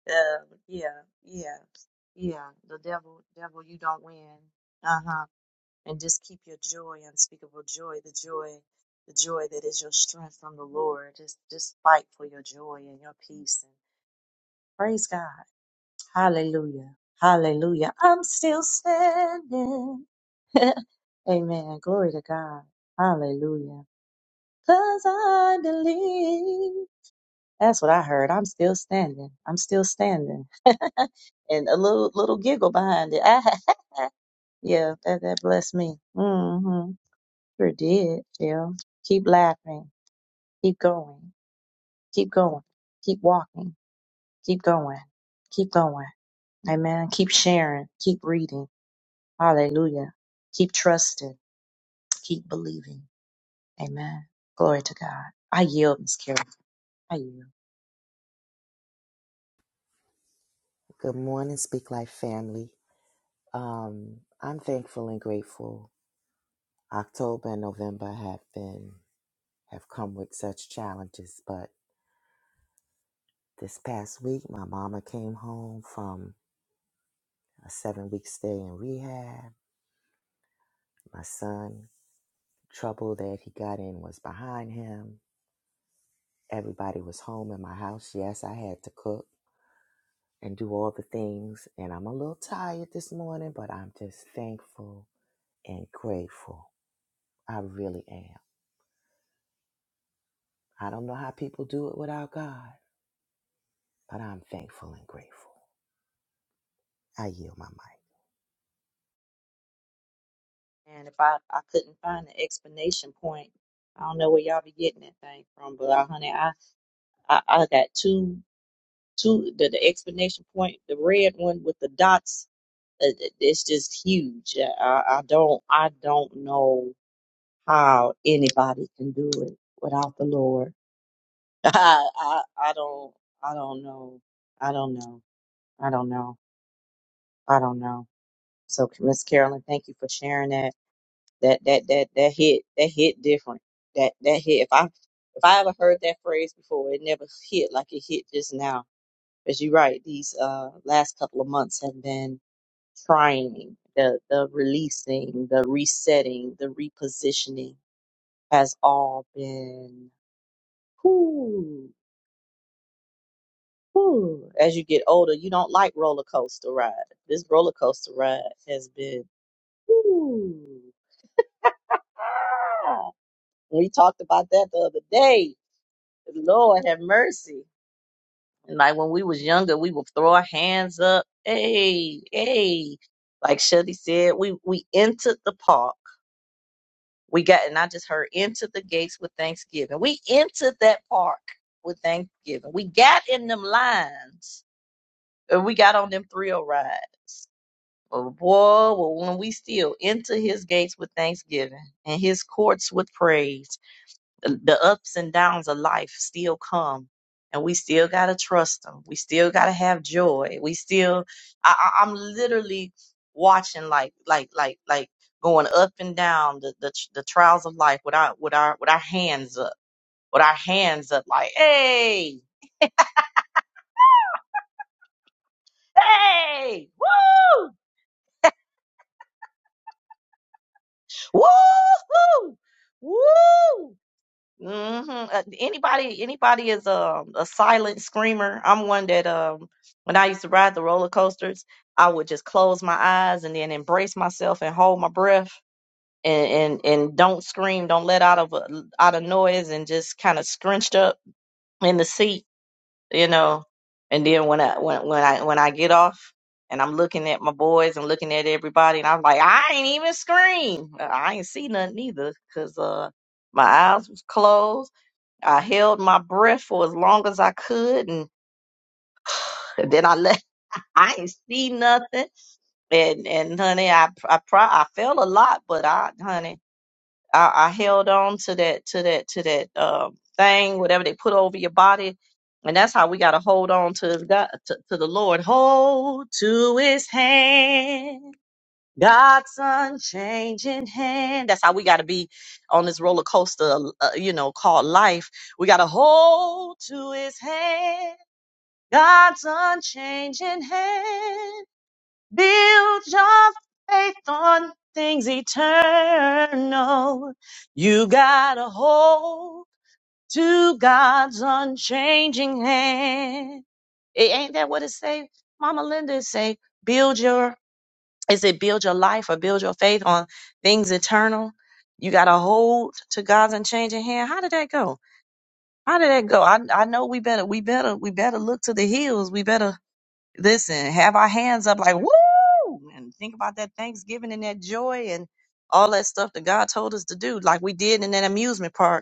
uh, yeah, yeah, yeah. The devil, devil, you don't win. Uh huh. and just keep your joy, unspeakable joy, the joy, the joy that is your strength from the Lord. Just just fight for your joy and your peace and praise God. Hallelujah. Hallelujah. I'm still standing. Amen. Glory to God. Hallelujah. Cause I believe. That's what I heard. I'm still standing. I'm still standing. And a little little giggle behind it. yeah, that, that blessed me. Mm-hmm. Sure did, Jill. Keep laughing. Keep going. Keep going. Keep walking. Keep going. Keep going. Amen. Keep sharing. Keep reading. Hallelujah. Keep trusting. Keep believing. Amen. Glory to God. I yield, Miss Carrie. I yield.
Good morning, Speak Life family. Um, I'm thankful and grateful. October and November have been have come with such challenges, but this past week my mama came home from a seven week stay in rehab. My son, trouble that he got in was behind him. Everybody was home in my house. Yes, I had to cook and do all the things, and I'm a little tired this morning, but I'm just thankful and grateful. I really am. I don't know how people do it without God, but I'm thankful and grateful. I yield my mic.
And if I, I couldn't find the explanation point, I don't know where y'all be getting that thing from, but uh, honey, I, I, I got two, two, the, the explanation point, the red one with the dots, uh, it's just huge. I, I don't, I don't know how anybody can do it without the Lord. I, I I don't I don't know. I don't know. I don't know. I don't know. So Miss Carolyn, thank you for sharing that. That that that that hit that hit different. That that hit if I if I ever heard that phrase before, it never hit like it hit just now. Because you're right, these uh last couple of months have been trying. The the releasing, the resetting, the repositioning has all been whew, Whew, as you get older, you don't like roller coaster ride. This roller coaster ride has been. whew, ah. we talked about that the other day. Lord have mercy. And like when we was younger, we would throw our hands up. Hey, hey. Like Shuddy said, we we entered the park. We got and I just heard into the gates with Thanksgiving. We entered that park with Thanksgiving. We got in them lines. And we got on them thrill rides. But boy, well, when we still enter his gates with thanksgiving and his courts with praise, the, the ups and downs of life still come. And we still got to trust him. We still got to have joy. We still, I, I, I'm literally watching like, like, like, like going up and down the, the, the trials of life with our, with our, with our hands up, with our hands up like, hey, hey, woo, woo, woo. Mm-hmm. Uh, anybody, anybody is a a silent screamer. I'm one that um, when I used to ride the roller coasters, I would just close my eyes and then embrace myself and hold my breath and and, and don't scream, don't let out of a, out of noise, and just kind of scrunched up in the seat, you know. And then when I when when I when I get off and I'm looking at my boys and looking at everybody, and I'm like, I ain't even scream. Uh, I ain't see nothing either, cause uh my eyes was closed I held my breath for as long as I could, and then I let I ain't see nothing. And and honey, I I pro I felt a lot, but I honey, I, I held on to that to that to that um thing, whatever they put over your body, and that's how we got to hold on to God to, to the Lord. Hold to His hand. God's unchanging hand. That's how we got to be on this roller coaster, uh, you know, called life. We got to hold to his hand. God's unchanging hand. Build your faith on things eternal. You got to hold to God's unchanging hand. It ain't that what it say? Mama Linda say, build your is It build your life or build your faith on things eternal. You got to hold to God's unchanging hand. How did that go? How did that go? I I know we better we better we better look to the hills. We better listen, have our hands up like woo, and think about that Thanksgiving and that joy and all that stuff that God told us to do, like we did in that amusement park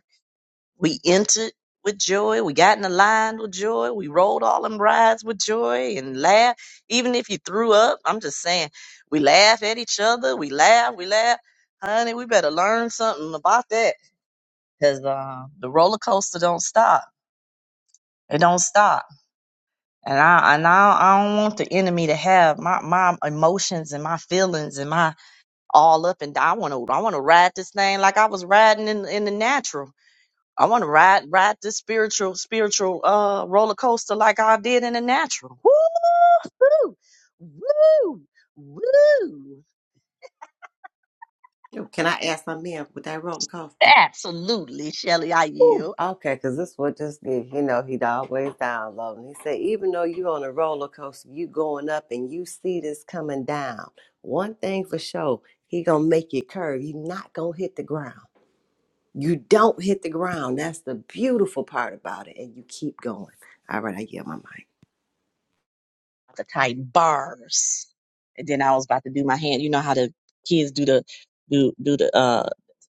we entered with joy. We got in the line with joy. We rode all them rides with joy and laughed. Even if you threw up, I'm just saying, we laugh at each other. We laugh. We laugh. Honey, we better learn something about that because uh, the roller coaster don't stop. It don't stop. And I and I, I don't want the enemy to have my, my emotions and my feelings and my all up and down. I want to I want to ride this thing like I was riding in in the natural. I want to ride ride this spiritual spiritual uh roller coaster like I did in the natural. Woo, woo, woo, woo.
Yo, Can I ask my man with that roller coaster?
Absolutely, Shelly. I
Ooh,
yield
okay, because this would just get, you know, he'd always download. And he said, even though you are on a roller coaster, you going up and you see this coming down. One thing for sure, he gonna make you curve. You not gonna hit the ground. You don't hit the ground. That's the beautiful part about it. And you keep going. All right, I get my mic.
the tight bars, and then I was about to do my hand. You know how the kids do the do do the uh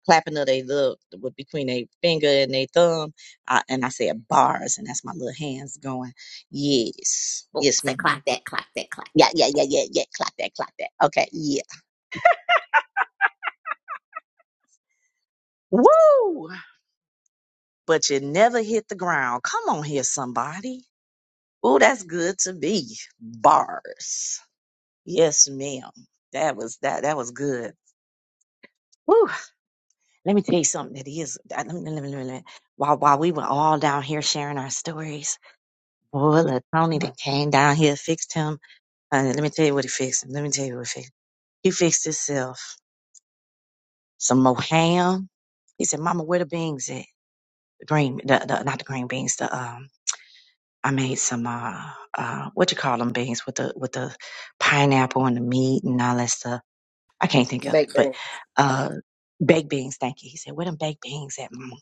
clapping of their little with between their finger and their thumb, I, and I said bars, and that's my little hands going. Yes,
Oh,
yes,
say clock
ma'am.
that, clock that, clock
Yeah,
that.
yeah, yeah, yeah, yeah. Clap that, clap that. Okay, yes. Woo! But you never hit the ground. Come on here, somebody. Ooh, that's good to be. Bars. Yes, ma'am. That was that. That was good. Woo! Let me tell you something. That is. I- Let me, let me, let me, let me- While while we were all down here sharing our stories, boy, look, Tony that came down here fixed him. Uh, let me tell you what he fixed. Let me tell you what he fixed. He fixed himself some more ham. He said, "Mama, where the beans at? The green, the, the, not the green beans. The um." I made some uh, uh what you call them beans with the with the pineapple and the meat and all that stuff. I can't think of it,
Big
but
thing.
uh baked beans. Thank you. He said, "Where them baked beans at, Mama?"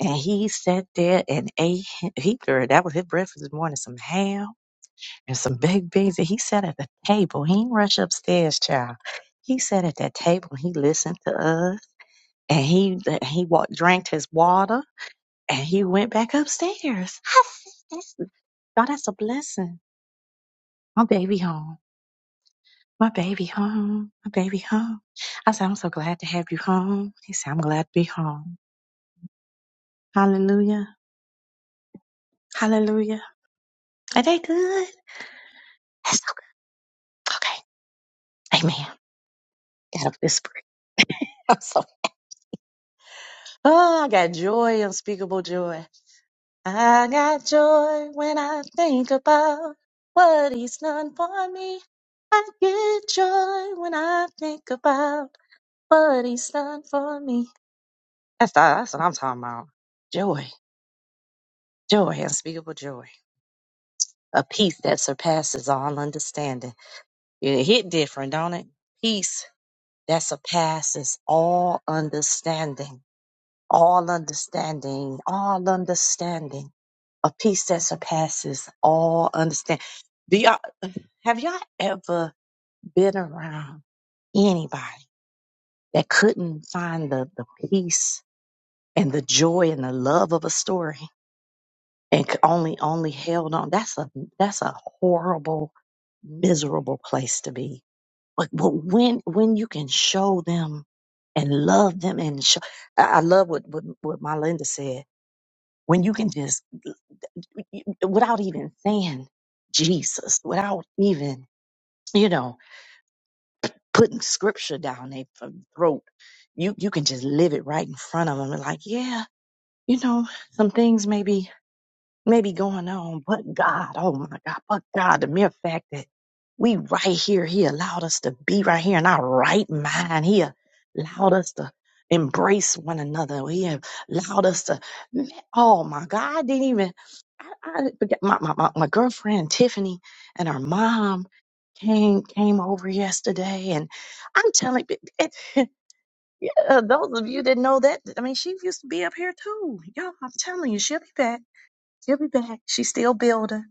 And he sat there and ate. He girl, that was his breakfast this morning: some ham and some baked beans. And he sat at the table. He didn't rush upstairs, child. He sat at that table. and He listened to us, and he he walked, drank his water, and he went back upstairs. I said, "That's- "God, that's a blessing." My baby home. My baby home. My baby home. I said, I'm so glad to have you home. He said, I'm glad to be home. Hallelujah. Hallelujah. Are they good? That's so good. Okay. Amen. Gotta whisper. it. I'm so, oh, I got joy, unspeakable joy. I got joy when I think about what he's done for me. I get joy when I think about what he's done for me. That's, that's what I'm talking about. Joy. Joy, unspeakable joy. A peace that surpasses all understanding. It hit different, don't it? Peace that surpasses all understanding. All understanding. All understanding. A peace that surpasses all understanding. Do y'all, have y'all ever been around anybody that couldn't find the, the peace and the joy and the love of a story? and c- only only held on. That's a that's a horrible, miserable place to be. But, but when when you can show them and love them and show, I I love what what, what my Linda said. When you can just without even saying Jesus, without even you know putting scripture down their uh, throat, you you can just live it right in front of them and like yeah. You know, some things maybe. maybe going on. But God, oh my God, but God, the mere fact that we right here, He allowed us to be right here in our right mind. He allowed us to embrace one another. He allowed us to, oh my God, I didn't even, I, I forget, my, my, my, my girlfriend Tiffany and her mom came came over yesterday and I'm telling you, it, it, yeah, those of you that know that, I mean, she used to be up here too. Y'all, I'm telling you, she'll be back She'll be back. She's still building.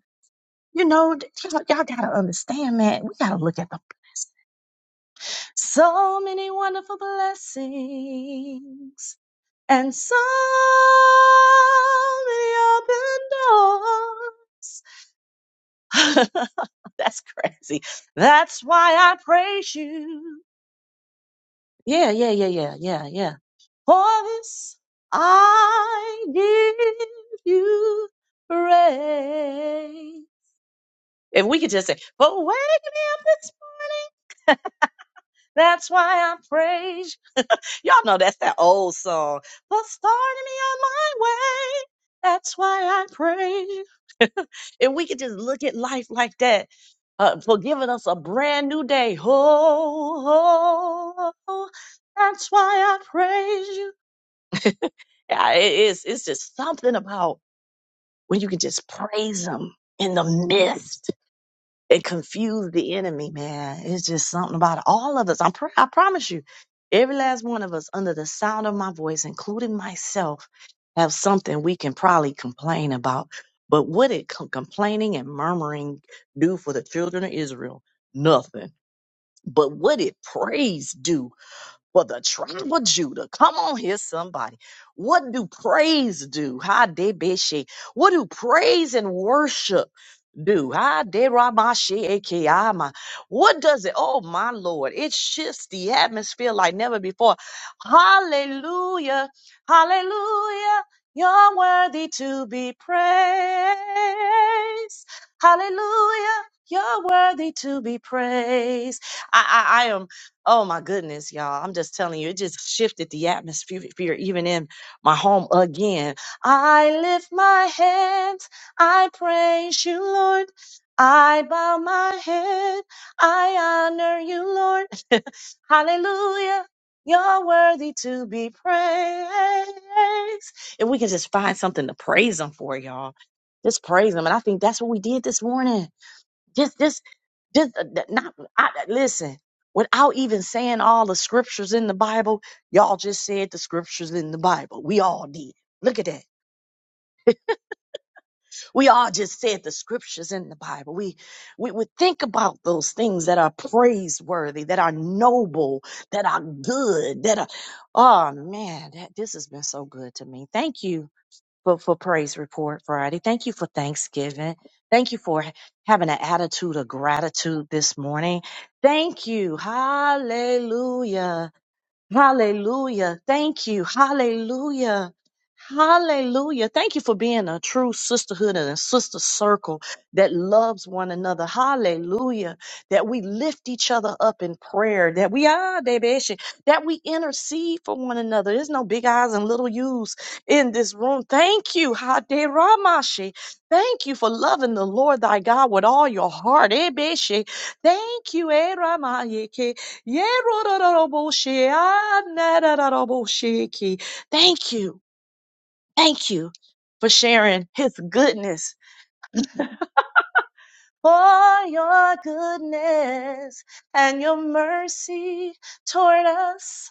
You know, th- y'all, y'all gotta understand, man. We gotta look at the blessings. So many wonderful blessings and so many open doors. That's crazy. That's why I praise you. Yeah, yeah, yeah, yeah, yeah, yeah. For this I give you praise. If we could just say, but wake me up this morning. That's why I praise. you." Y'all know that's that old song. But starting me on my way. That's why I praise. you." If we could just look at life like that, uh, for giving us a brand new day. Oh, oh, that's why I praise you. Yeah, it is. It's just something about when you can just praise Him in the midst. and confuse the enemy, man. It's just something about it. all of us. I'm pr- I promise you, every last one of us, under the sound of my voice, including myself, have something we can probably complain about. But what did com- complaining and murmuring do for the children of Israel? Nothing. But what did praise do? for the tribe of Judah. Come on here, somebody. What do praise do? Ha de beshe. What do praise and worship do? Ha de ramashe ekeyama. What does it? Oh my Lord, it shifts the atmosphere like never before. Hallelujah, hallelujah. You're worthy to be praised. Hallelujah. You're worthy to be praised. I, I, I am Oh my goodness, y'all. I'm just telling you, it just shifted the atmosphere even in my home again. I lift my hands. I praise you, Lord. I bow my head. I honor you, Lord. Hallelujah. You're worthy to be praised. If we can just find something to praise him for, y'all. Just praise him. And I think that's what we did this morning. Just, just, just uh, th- not. I, uh, listen, without even saying all the scriptures in the Bible, y'all just said the scriptures in the Bible. We all did. Look at that. We all just said the scriptures in the Bible. We, we would think about those things that are praiseworthy, that are noble, that are good, that are. Oh man, that this has been so good to me. Thank you for, for praise report Friday. Thank you for Thanksgiving. Thank you for ha- having an attitude of gratitude this morning. Thank you. Hallelujah Hallelujah. Thank you. Hallelujah. Hallelujah. Thank you for being a true sisterhood and a sister circle that loves one another. Hallelujah. That we lift each other up in prayer. That we are, baby, she- that we intercede for one another. There's no big eyes and little U's in this room. Thank you. Haderamashi. Thank you for loving the Lord thy God with all your heart. Eh, Thank you. eh, Yerororoboshe, anararorobosheki. Thank you. Thank you for sharing his goodness. For your goodness and your mercy toward us.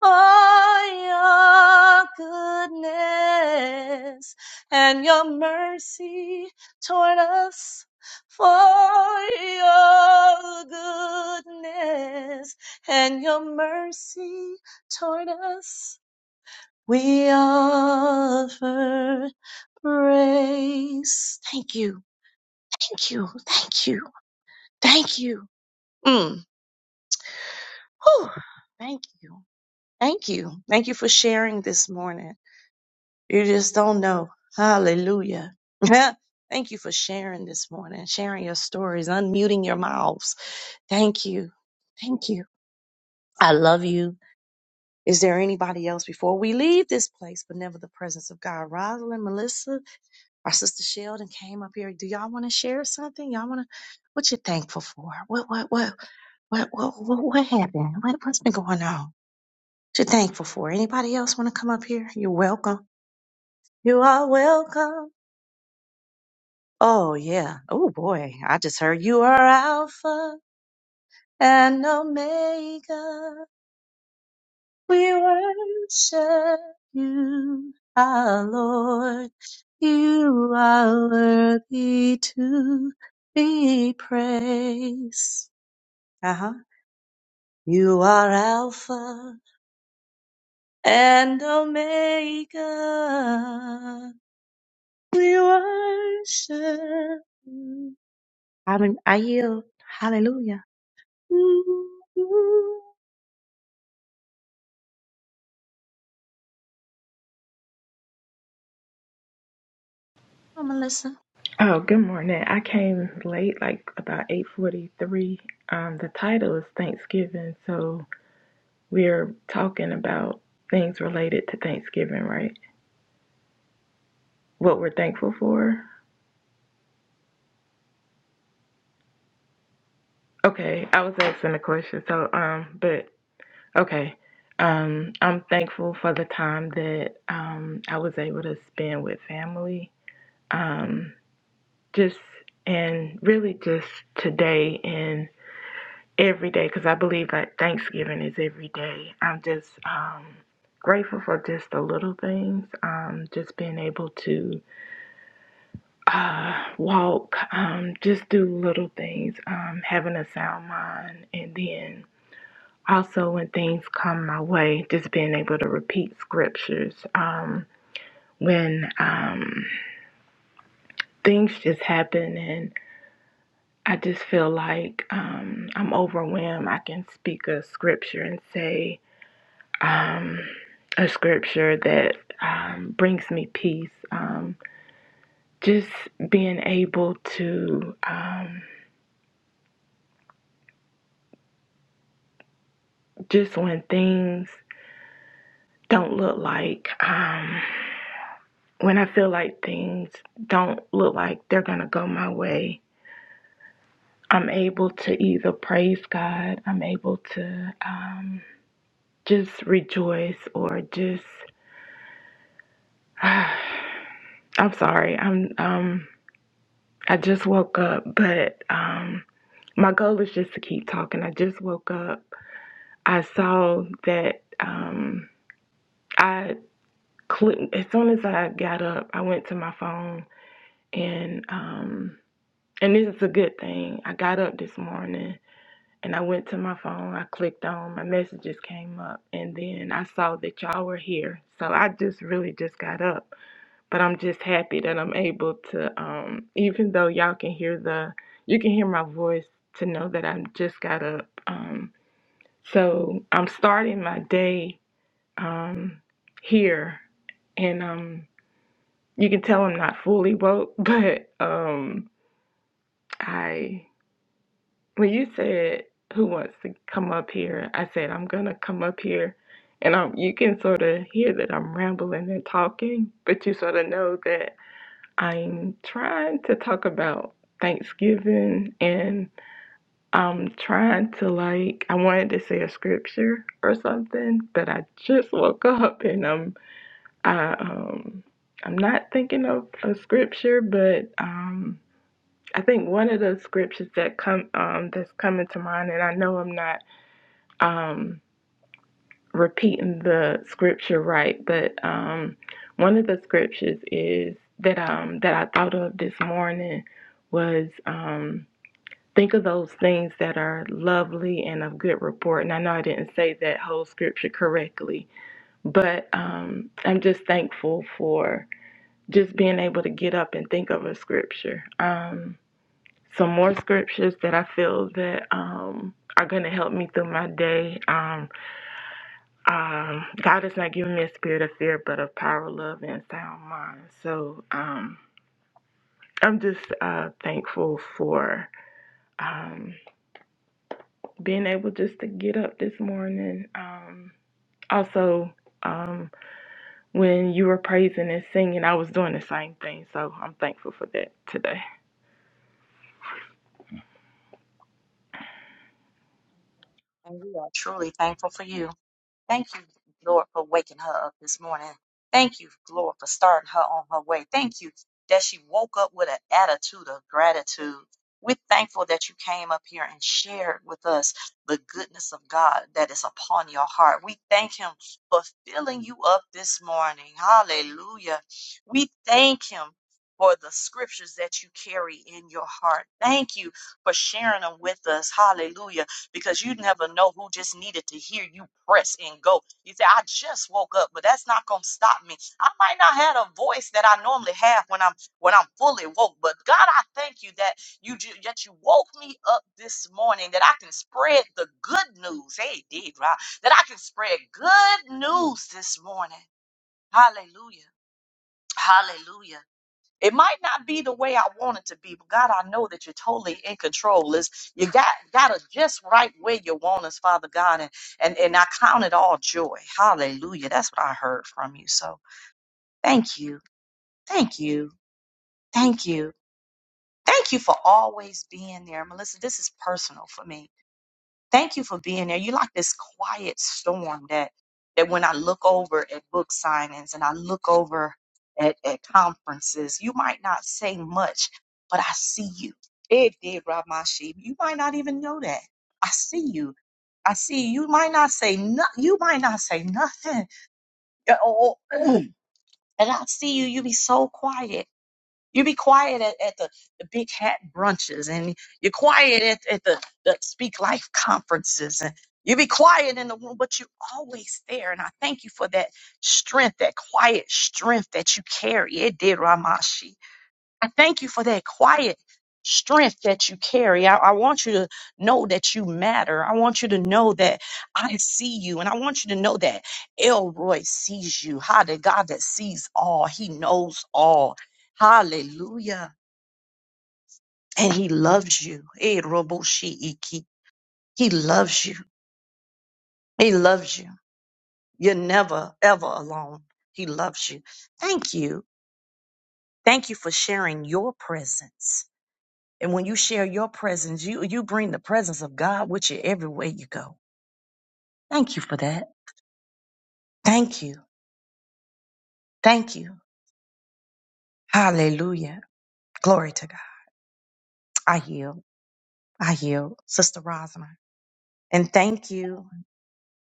Oh, your goodness and your mercy toward us. For your goodness and your mercy toward us, we offer praise. Thank you, thank you, thank you, thank you. Mm. Whew. Thank you, thank you, thank you for sharing this morning. You just don't know. Hallelujah. Thank you for sharing this morning, sharing your stories, unmuting your mouths. Thank you. Thank you. I love you. Is there anybody else before we leave this place, but never the presence of God? Rosalind, Melissa, our sister Sheldon came up here. Do y'all want to share something? Y'all want to, what you thankful for? What, what, what, what, what, what, what happened? What, what's been going on? What you thankful for? Anybody else want to come up here? You're welcome. You are welcome. Oh yeah. Oh boy. I just heard you are Alpha and Omega. We worship you, our Lord. You are worthy to be praised. Uh huh. You are Alpha and Omega. We worship you. I mean, I yield. Hallelujah. Hello, Melissa.
Oh, good morning. I came late, like about 8:43. Um, the title is Thanksgiving, so we're talking about things related to Thanksgiving, right? What we're thankful for. Okay, I was asking a question. So, um, but okay. Um, I'm thankful for the time that um I was able to spend with family. Um, just and really just today every day because I believe that Thanksgiving is every day. I'm just um, grateful for just the little things, um, just being able to walk, um, just do little things, um, having a sound mind, and then also when things come my way, just being able to repeat scriptures. Um, when um, things just happen and I just feel like um, I'm overwhelmed. I can speak a scripture and say, um, a scripture that um, brings me peace. Um, just being able to, um, just when things don't look like, um, when I feel like things don't look like they're going to go my way, I'm able to either praise God, I'm able to um, just rejoice or just, I'm sorry, I'm, um, I just woke up, but. Um, my goal is just to keep talking. I just woke up. I saw that um, I clicked as soon as I got up. I went to my phone and um, and this is a good thing. I got up this morning and I went to my phone. I clicked on my messages came up and then I saw that y'all were here. So I just really just got up, but I'm just happy that I'm able to um, even though y'all can hear the you can hear my voice to know that I just got up. Um, So I'm starting my day um, here, and um, you can tell I'm not fully woke, but um, I when you said who wants to come up here, I said I'm gonna come up here, and um, you can sort of hear that I'm rambling and talking, but you sort of know that I'm trying to talk about Thanksgiving and I'm trying to like I wanted to say a scripture or something, but I just woke up and I'm I um I'm not thinking of a scripture, but um I think one of the scriptures that come um that's coming to mind and I know I'm not um repeating the scripture right, but um one of the scriptures is that um that I thought of this morning was um Think of those things that are lovely and of good report. And I know I didn't say that whole scripture correctly, but um, I'm just thankful for just being able to get up and think of a scripture. Um, some more scriptures that I feel that um, are going to help me through my day. Um, um, God has not given me a spirit of fear, but of power, love, and sound mind. So um, I'm just uh, thankful for. Um, being able just to get up this morning. Um, also, um, when you were praising and singing, I was doing the same thing. So I'm thankful for that today.
And we are truly thankful for you. Thank you, Lord, for waking her up this morning. Thank you, Lord, for starting her on her way. Thank you that she woke up with an attitude of gratitude. We're thankful that you came up here and shared with us the goodness of God that is upon your heart. We thank Him for filling you up this morning. Hallelujah. We thank Him for the scriptures that you carry in your heart. Thank you for sharing them with us. Hallelujah because you never know who just needed to hear you press and go. You say, I just woke up, but that's not gonna stop me. I might not have a voice that I normally have when I'm when I'm fully woke, but God, I thank you that you ju- that you woke me up this morning that I can spread the good news. Hey, did right that I can spread good news this morning. Hallelujah. Hallelujah. It might not be the way I want it to be, but God, I know that you're totally in control. Is you got got us just right where you want us, Father God, and and and I count it all joy. Hallelujah. That's what I heard from you. So thank you, thank you, thank you, thank you for always being there, Melissa. This is personal for me Thank you for being there. You're like this quiet storm that that when I look over at book signings and I look over at, at conferences, you might not say much, but I see you. It did rob my sheep. You might not even know that. I see you. I see you You might not say no, you might not say nothing. Uh, oh, oh, And I see you, you be so quiet you be quiet at, at the, the big hat brunches and you're quiet at, at the, the Speak Life conferences and you be quiet in the room, but you're always there. And I thank you for that strength, that quiet strength that you carry. It did Ramashi. I thank you for that quiet strength that you carry. I, I want you to know that you matter. I want you to know that I see you. And I want you to know that Elroy sees you. How the God that sees all, he knows all. Hallelujah. And he loves you. Eh, robo shi He loves you. He loves you. You're never, ever alone. He loves you. Thank you. Thank you for sharing your presence. And when you share your presence, you, you bring the presence of God with you everywhere you go. Thank you for that. Thank you. Thank you. Hallelujah. Glory to God. I yield. I yield. Sister Rosamond. And thank you.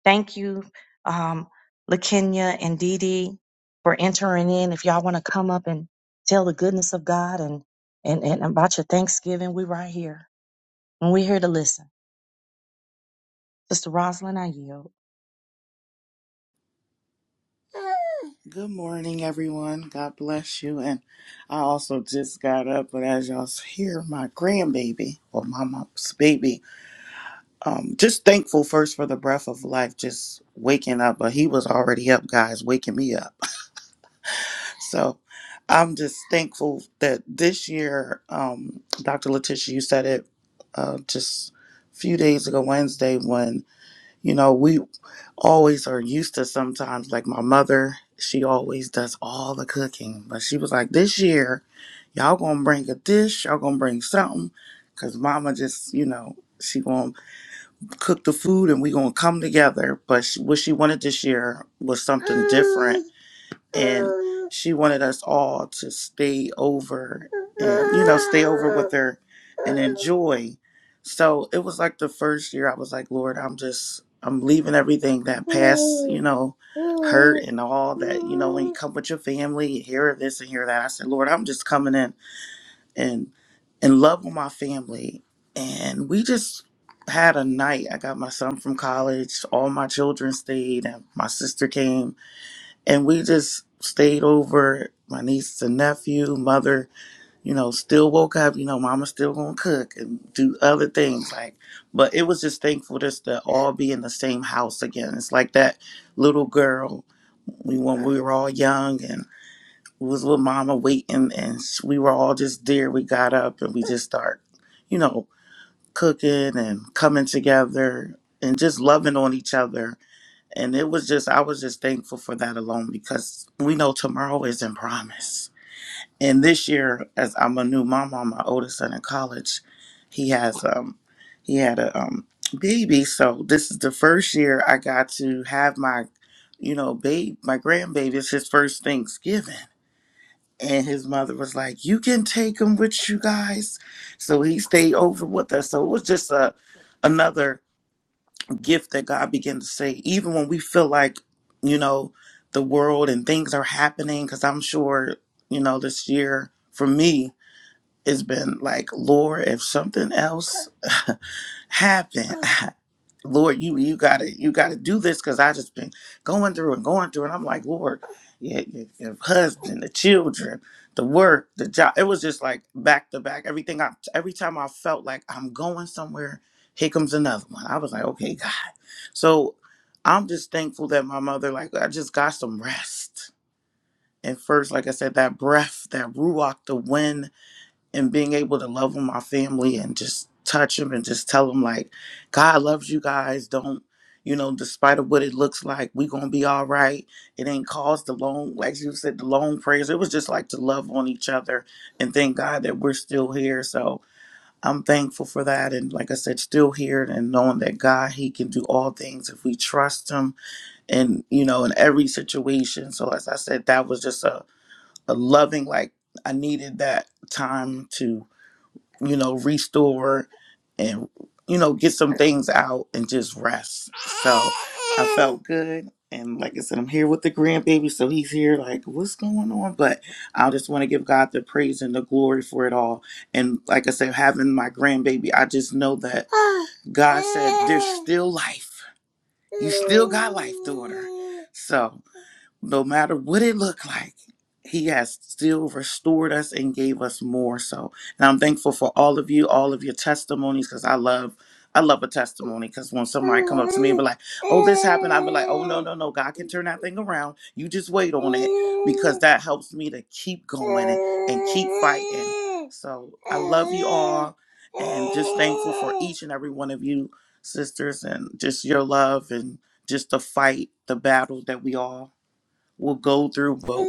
Thank you, um, LaKenya and Dee Dee for entering in. If y'all want to come up and tell the goodness of God and, and, and about your Thanksgiving, we right here. And we're here to listen. Sister Rosalind, I yield.
Good morning, everyone. God bless you. And I also just got up, but as y'all hear, my grandbaby or my mom's baby, um, just thankful first for the breath of life, just waking up. But he was already up, guys, waking me up. So I'm just thankful that this year, um, Dr. Letitia, you said it uh, just a few days ago, Wednesday, when you know we always are used to sometimes like my mother she always does all the cooking but she was like this year y'all gonna bring a dish y'all gonna bring something because mama just you know she gonna cook the food and we gonna come together but she, what she wanted this year was something different and she wanted us all to stay over and you know stay over with her and enjoy so it was like the first year i was like lord i'm just i'm leaving everything that past you know hurt and all that you know when you come with your family you hear this and hear that i said lord i'm just coming in and in love with my family and we just had a night i got my son from college all my children stayed and my sister came and we just stayed over my niece and nephew mother you know still woke up you know mama's still gonna cook and do other things like but it was just thankful just to all be in the same house again it's like that little girl we when we were all young and we was with mama waiting and sh- we were all just there we got up and we just start you know cooking and coming together and just loving on each other and it was just, I was just thankful for that alone because we know tomorrow isn't promised. And this year, as I'm a new mom my oldest son in college, he has um he had a um baby. So this is the first year I got to have my, you know, babe, my grandbaby. It's his first Thanksgiving. And his mother was like, You can take him with you guys. So he stayed over with us. So it was just a another gift that God began to say, even when we feel like, you know, the world and things are happening, because I'm sure, you know, this year for me, it's been like, Lord, if something else happened, Lord, you you gotta you gotta do this because I just been going through and going through, and I'm like, Lord, your, your, your husband, the children, the work, the job. It was just like back to back. Everything I every time I felt like I'm going somewhere, here comes another one. I was like, okay, God. So I'm just thankful that my mother, like, I just got some rest. And first, like I said, that breath, that ruach, the wind and being able to love on my family and just touch them and just tell them like god loves you guys don't you know despite of what it looks like we gonna be all right it ain't caused the long like you said the long prayers it was just like to love on each other and thank god that we're still here so i'm thankful for that and like i said still here and knowing that god he can do all things if we trust him and you know in every situation so as i said that was just a, a loving like i needed that time to you know, restore and, you know, get some things out and just rest. So I felt good. And like I said, I'm here with the grandbaby. So he's here, like, what's going on? But I just want to give God the praise and the glory for it all. And like I said, having my grandbaby, I just know that God said, there's still life. You still got life, daughter. So no matter what it looked like, He has still restored us and gave us more. So, and I'm thankful for all of you, all of your testimonies, because I love, I love a testimony. Because when somebody come up to me and be like, "Oh, this happened," I'll be like, "Oh, no, no, no, God can turn that thing around. You just wait on it," because that helps me to keep going and, and keep fighting. So, I love you all, and just thankful for each and every one of you, sisters, and just your love and just the fight, the battle that we all will go through. But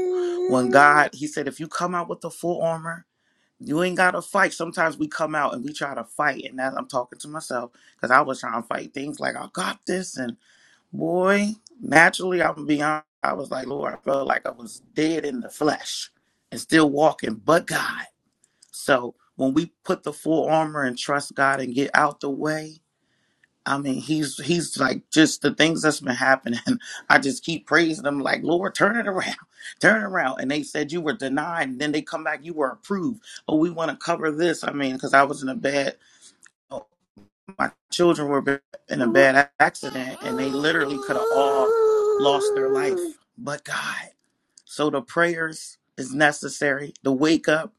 when God, He said, if you come out with the full armor, you ain't gotta fight. Sometimes we come out and we try to fight, and that I'm talking to myself because I was trying to fight things like I got this, and boy, naturally I'm gonna be honest. I was like, Lord, I felt like I was dead in the flesh and still walking, but God. So when we put the full armor and trust God and get out the way, I mean, he's he's like just the things that's been happening. I just keep praising him, like Lord, turn it around, turn it around. And they said you were denied, and then they come back, you were approved. Oh, we want to cover this. I mean, because I was in a bad, oh, my children were ba- in a bad accident, and they literally could have all lost their life. But God. So the prayers is necessary. The wake up,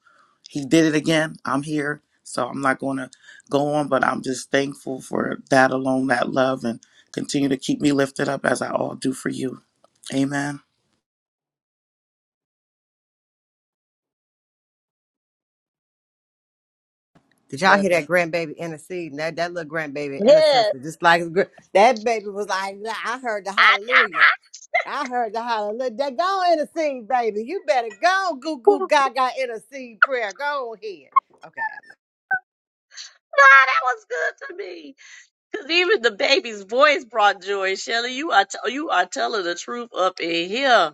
he did it again. I'm here. So I'm not going to go on, but I'm just thankful for that alone, that love, and continue to keep me lifted up as I all do for you. Amen.
Did y'all
Love
hear
you.
that grandbaby interceding? That that little grandbaby
Yes,
intercessor, just like his gr- that baby was like, "Nah, I heard the
I,
hallelujah. I heard the hallelujah. That go intercede, baby. You better go goo goo gaga intercede prayer. Go ahead. Okay.
God, that was good to me. Cause even the baby's voice brought joy. Shelly, you are t- you are telling the truth up in here,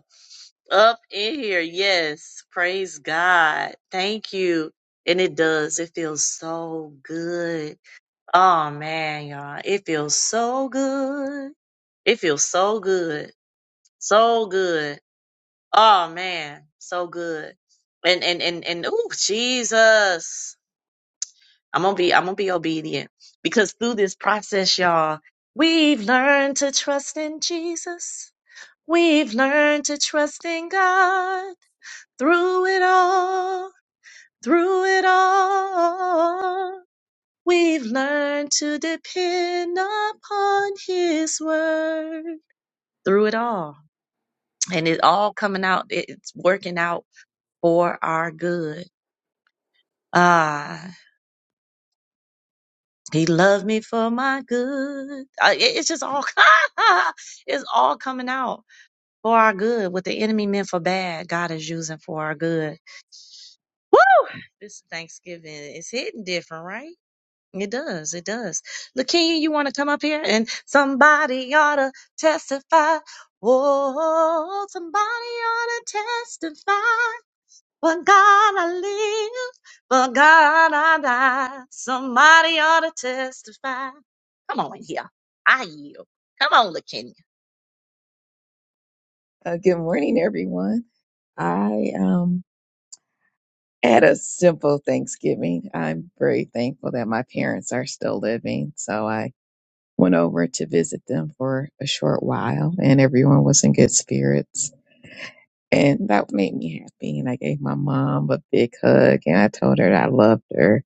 up in here. Yes, praise God. Thank you. And it does. It feels so good. Oh man, y'all, it feels so good. It feels so good, so good. Oh man, so good. And and and and oh Jesus. I'm gonna be I'm gonna be obedient because through this process, y'all, we've learned to trust in Jesus. We've learned to trust in God through it all, through it all. We've learned to depend upon his word through it all. And it all coming out, it's working out for our good. Ah, He loved me for my good. Uh, it- It's just all it's all coming out for our good. What the enemy meant for bad, God is using for our good. This Thanksgiving is hitting different, right? It does. It does. Lakia, you want to come up here and somebody ought to testify. Oh, somebody ought to testify. But God, I live. But God, I die. Somebody ought to testify. Come on in here. I yield. Come on, LaKenya.
Uh, good morning, everyone. I um, had a simple Thanksgiving. I'm very thankful that my parents are still living. So I went over to visit them for a short while, and everyone was in good spirits. And that made me happy. And I gave my mom a big hug, and I told her that I loved her.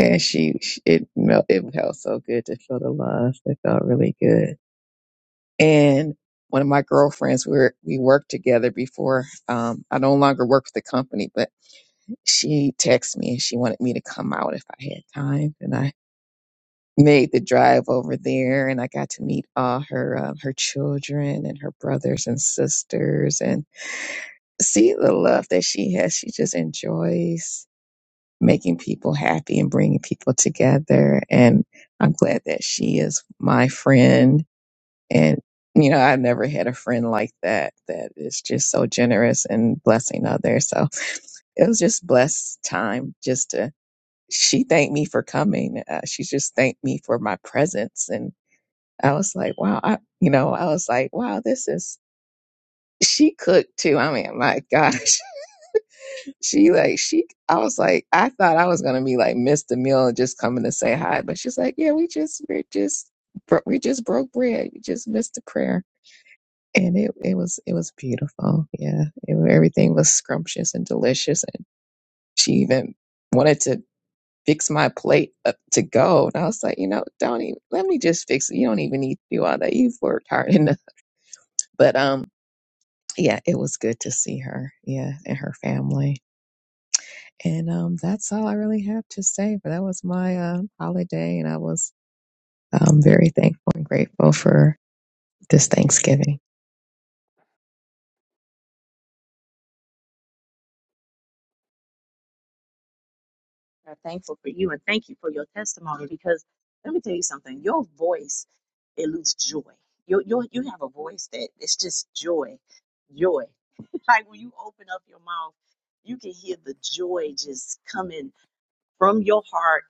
And she, she it, mel- it felt so good to feel the love. It felt really good. And one of my girlfriends we were, we worked together before um, i no longer work for the company but she texted me and she wanted me to come out if I had time, and I made the drive over there, and I got to meet all her um, her children and her brothers and sisters, and see the love that she has. She just enjoys making people happy and bringing people together, and I'm glad that she is my friend. And you know, I've never had a friend like that that is just so generous and blessing others. So it was just blessed time just to she thanked me for coming. Uh, she just thanked me for my presence. And I was like, wow, I, you know, I was like, wow, this is, she cooked too. I mean, my gosh, she like, she, I was like, I thought I was going to be like, miss the meal and just coming to say hi. But she's like, yeah, we just, we're just, bro- we just broke bread. You just missed the prayer. And it, it was, it was beautiful. Yeah. It, everything was scrumptious and delicious. And she even, wanted to. fix my plate up to go. And I was like, you know, don't even let me just fix it. You don't even need to do all that. You've worked hard enough. But um, yeah, it was good to see her. Yeah, and her family. And um, that's all I really have to say. But that was my um holiday, and I was um very thankful and grateful for this Thanksgiving.
I'm thankful for you. Let me tell you something. Your voice eludes joy. You, you, you have a voice that it's just joy. Joy. Like when you open up your mouth, you can hear the joy just coming from your heart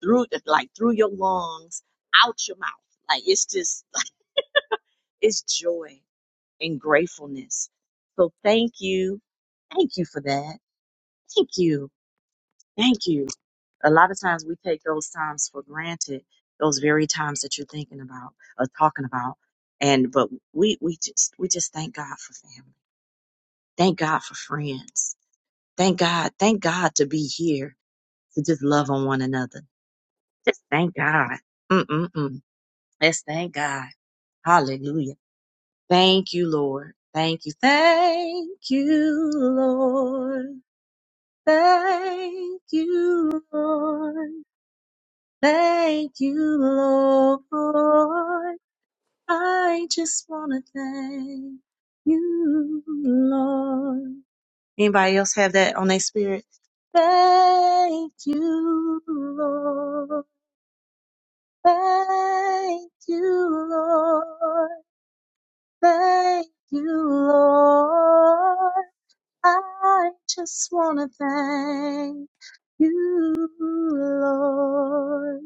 through the, like through your lungs, out your mouth. Like it's just, it's joy. and gratefulness. So thank you. Thank you for that. Thank you. Thank you. A lot of times we take those times for granted, those very times that you're thinking about or talking about. And but we we just we just thank God for family. Thank God for friends. Thank God. Thank God to be here to just love on one another. Just thank God. Mm-mm-mm. Let's thank God. Hallelujah. Thank you, Lord. Thank you. Thank you, Lord. Thank you, Lord. Thank you, Lord. I just want to thank you, Lord. Anybody else have that on their spirit? Thank you, Lord. Thank you, Lord. Thank you, Lord. I just want to thank you, Lord.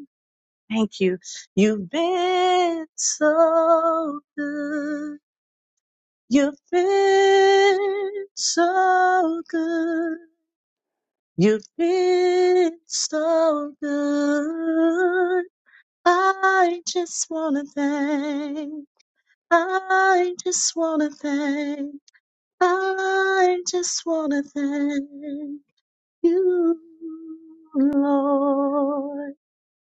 Thank you. You've been so good. You've been so good. You've been so good. I just wanna thank. I just wanna thank. I just wanna thank you, Lord.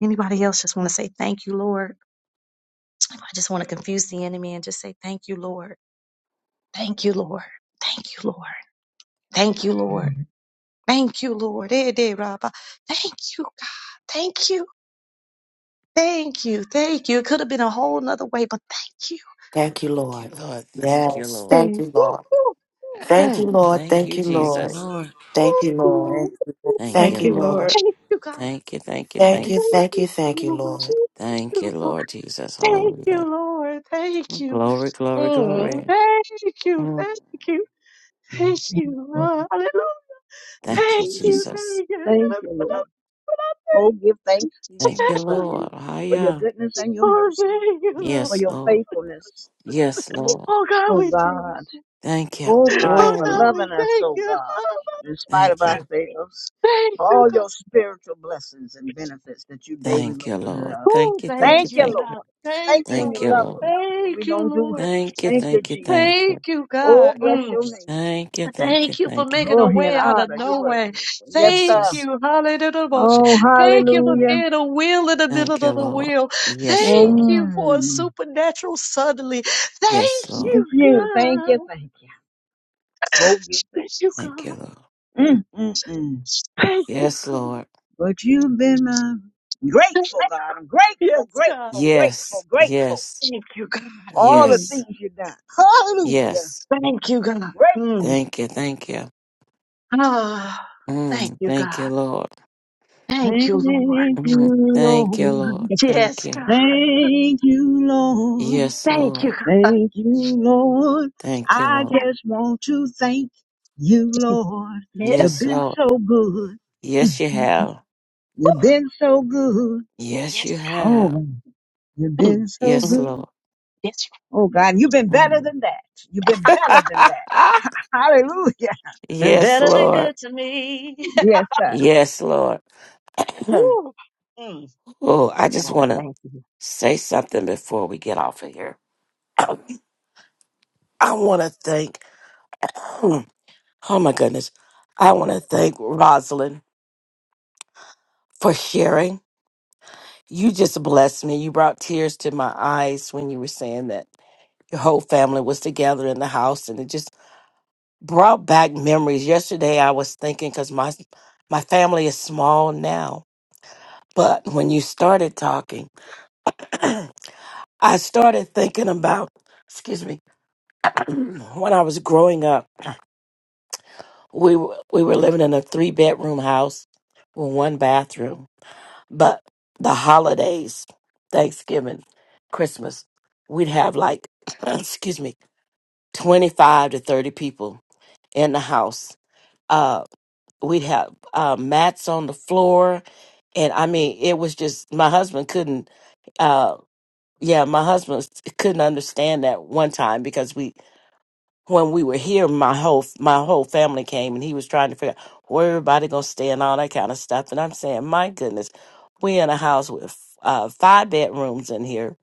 Anybody else just want to say thank you, Lord? I just want to confuse the enemy and just say thank you, Lord. Thank you, Lord. Thank you, Lord. Thank you, Lord.
Lord,
Thank you, Lord. Eh, de, rabba. Thank you, God. Thank you. Thank you. Thank you. It could have been a whole nother way, but thank you.
Thank you,
Lord,
Lord. Thank you, Lord.
Thank
Lord,
you.
thank you,
Thank you,
Lord.
Jesus.
Lord.
Thank you,
Thank you. Lord.
Thank you,
Thank you,
Lord.
Lord.
Lord.
Thank you, God.
Thank you, thank you,
Thank
Thank
thank you.
you.
you,
Thank you, Lord Jesus.
Thank
Hallelujah.
you, Lord. Thank you.
Glory, glory,
Mm,
glory.
Thank you.
Mm.
Thank you.
Lord,
Thank
thank
you.
you.
Lord.
Thank
Thank
you,
Praise you.
you,
Jesus.
thank you. Gonna
Thank
put
you,
up,
Lord.
put up
Oh,
with-
give thanks to
Thank
you,
you,
oh God,
Lord.
for your
Hiya.
goodness and your
Oh,
mercy,
thank you, Lord.
for
Yes,
your
Lord.
faithfulness,
Yes, Lord.
Oh, God,
oh
we thank you.
God.
Thank you.
Oh God,
Oh,
for
Mm.
God, we
loving us,
thank
oh
you.
God,
Oh,
in spite of
Thank you.
ourselves,
thank
for
you,
all
God.
your spiritual blessings and benefits that you daily
Thank you,
load us
Lord.
up.
Oh,
Thank you,
thank
thank you,
Thank
you,
you,
thank you.
God.
Lord.
Thank
Thank you when
you,
Thank
you
you,
love
Lord.
us,
Lord.
when we
Thank you,
don't do.
Lord.
Thank you,
Thank you,
thank you,
Jesus.
thank you.
Thank you,
Oh,
God.
bless
Mm.
your name, Jesus.
Thank you, thank you,
Thank you for
thank you.
making a
Glory and
way out of
honor. You're
no
worthy.
way.
Yes,
Thank
sir.
Jesus.
you, hallelujah.
Oh,
Thank you for
hallelujah.
being a wheel in the middle
Thank you,
of the
Lord.
wheel.
Yes,
Thank
Lord.
you for a
Mm.
supernatural suddenly. Thank
Yes, Lord.
It's
you,
you. Thank you.
God.
Thank you. Oh, give thanks.
Thank you, God.
Thank you, Lord.
Mm, mm, mm.
Thank
Yes, Lord.
But you've been my
you.
grateful, God. I'm
Yes,
grateful,
God.
grateful,
Yes,
grateful, grateful
yes,
Thank you, God.
for all the
Mm.
yes,
things you've done. Hallelujah.
yes.
Thank you, God.
Grateful.
Mm.
Thank you, thank you. Mm, thank you, Lord.
Thank
Mm,
you,
thank you, Lord.
Lord.
Yes,
Thank you.
Thank you, Lord.
Yes, Lord.
Thank you, Lord.
Thank you,
I
Lord.
just want to thank you, Lord. You've
Yes,
been
Lord.
so good.
Yes, you have.
You've been so good.
Yes, you have.
Oh, you've been so
Yes,
good.
Lord.
Oh, God, you've been better
Mm.
than that. You've been better than that. Hallelujah.
been
yes,
better than
Lord.
good to me.
Yes, sir.
Yes, Lord. oh, I just want to
Thank- you.
say something before we get off of here. I want to thank, oh my goodness, I want to thank Rosalind for sharing. You just blessed me. You brought tears to my eyes when you were saying that your whole family was together in the house, and it just brought back memories. Yesterday, I was thinking because my my family is small now, but when you started talking, I started thinking about, excuse me, when I was growing up. we were, we were living in a three bedroom house with one bathroom. But the holidays, Thanksgiving, Christmas, we'd have like excuse me, twenty five to thirty people in the house. Uh, we'd have uh, mats on the floor, and I mean, it was just my husband couldn't. Uh, yeah, my husband couldn't understand that one time because we when we were here, my whole my whole family came, and he was trying to figure out where everybody gonna stay and all that kind of stuff. And I'm saying, my goodness, we in a house with uh, five bedrooms in here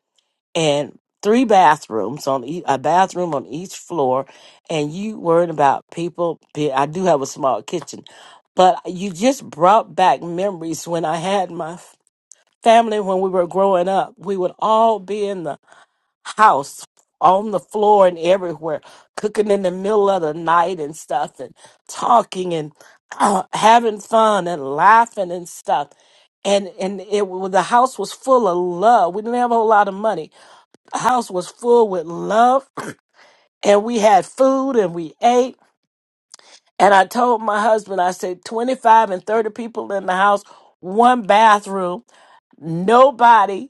and three bathrooms on e- a bathroom on each floor, and you worried about people. be- I do have a small kitchen, but you just brought back memories when I had my f- family when we were growing up. We would all be in the house on the floor and everywhere, cooking in the middle of the night and stuff, and talking and uh, having fun and laughing and stuff. And and it wa- the house was full of love. We didn't have a whole lot of money. The house was full with love, and we had food and we ate. And I told my husband, I said, twenty five and thirty people in the house, one bathroom, nobody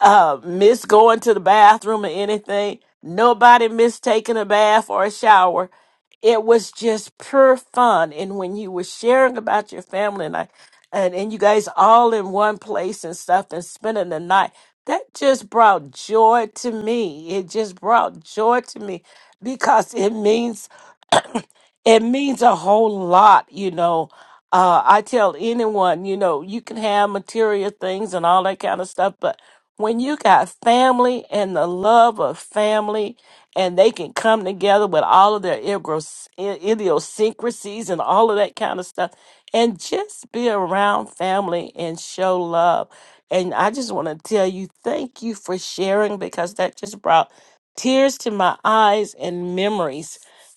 uh, miss going to the bathroom or anything. Nobody missed taking a bath or a shower. It was just pure fun. And when you were sharing about your family and I, and, and you guys all in one place and stuff and spending the night, that just brought joy to me. It just brought joy to me because it means it means a whole lot, you know. Uh, I tell anyone, you know, you can have material things and all that kind of stuff, but when you got family and the love of family, and they can come together with all of their igros- i- idiosyncrasies and all of that kind of stuff, and just be around family and show love. And I just want to tell you, thank you for sharing because that just brought tears to my eyes and memories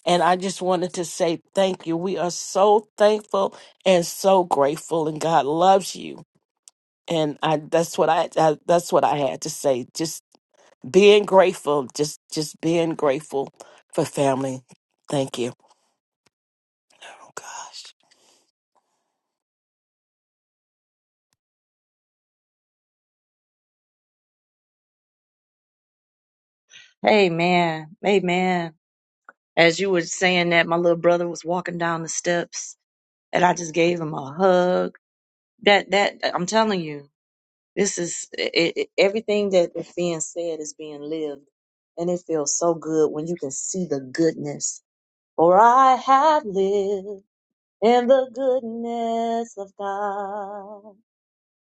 and I just wanted to say thank you. We are so thankful and so grateful, and God loves you. And I, that's what I, I that's what I had to say. Just being grateful, just just being grateful for family. Thank you. Oh gosh,
Amen. Amen. As you were saying that, my little brother was walking down the steps, and I just gave him a hug That that I'm telling you, this is it, it, everything that is being said is being lived, and it feels so good when you can see the goodness. For I have lived in the goodness of God.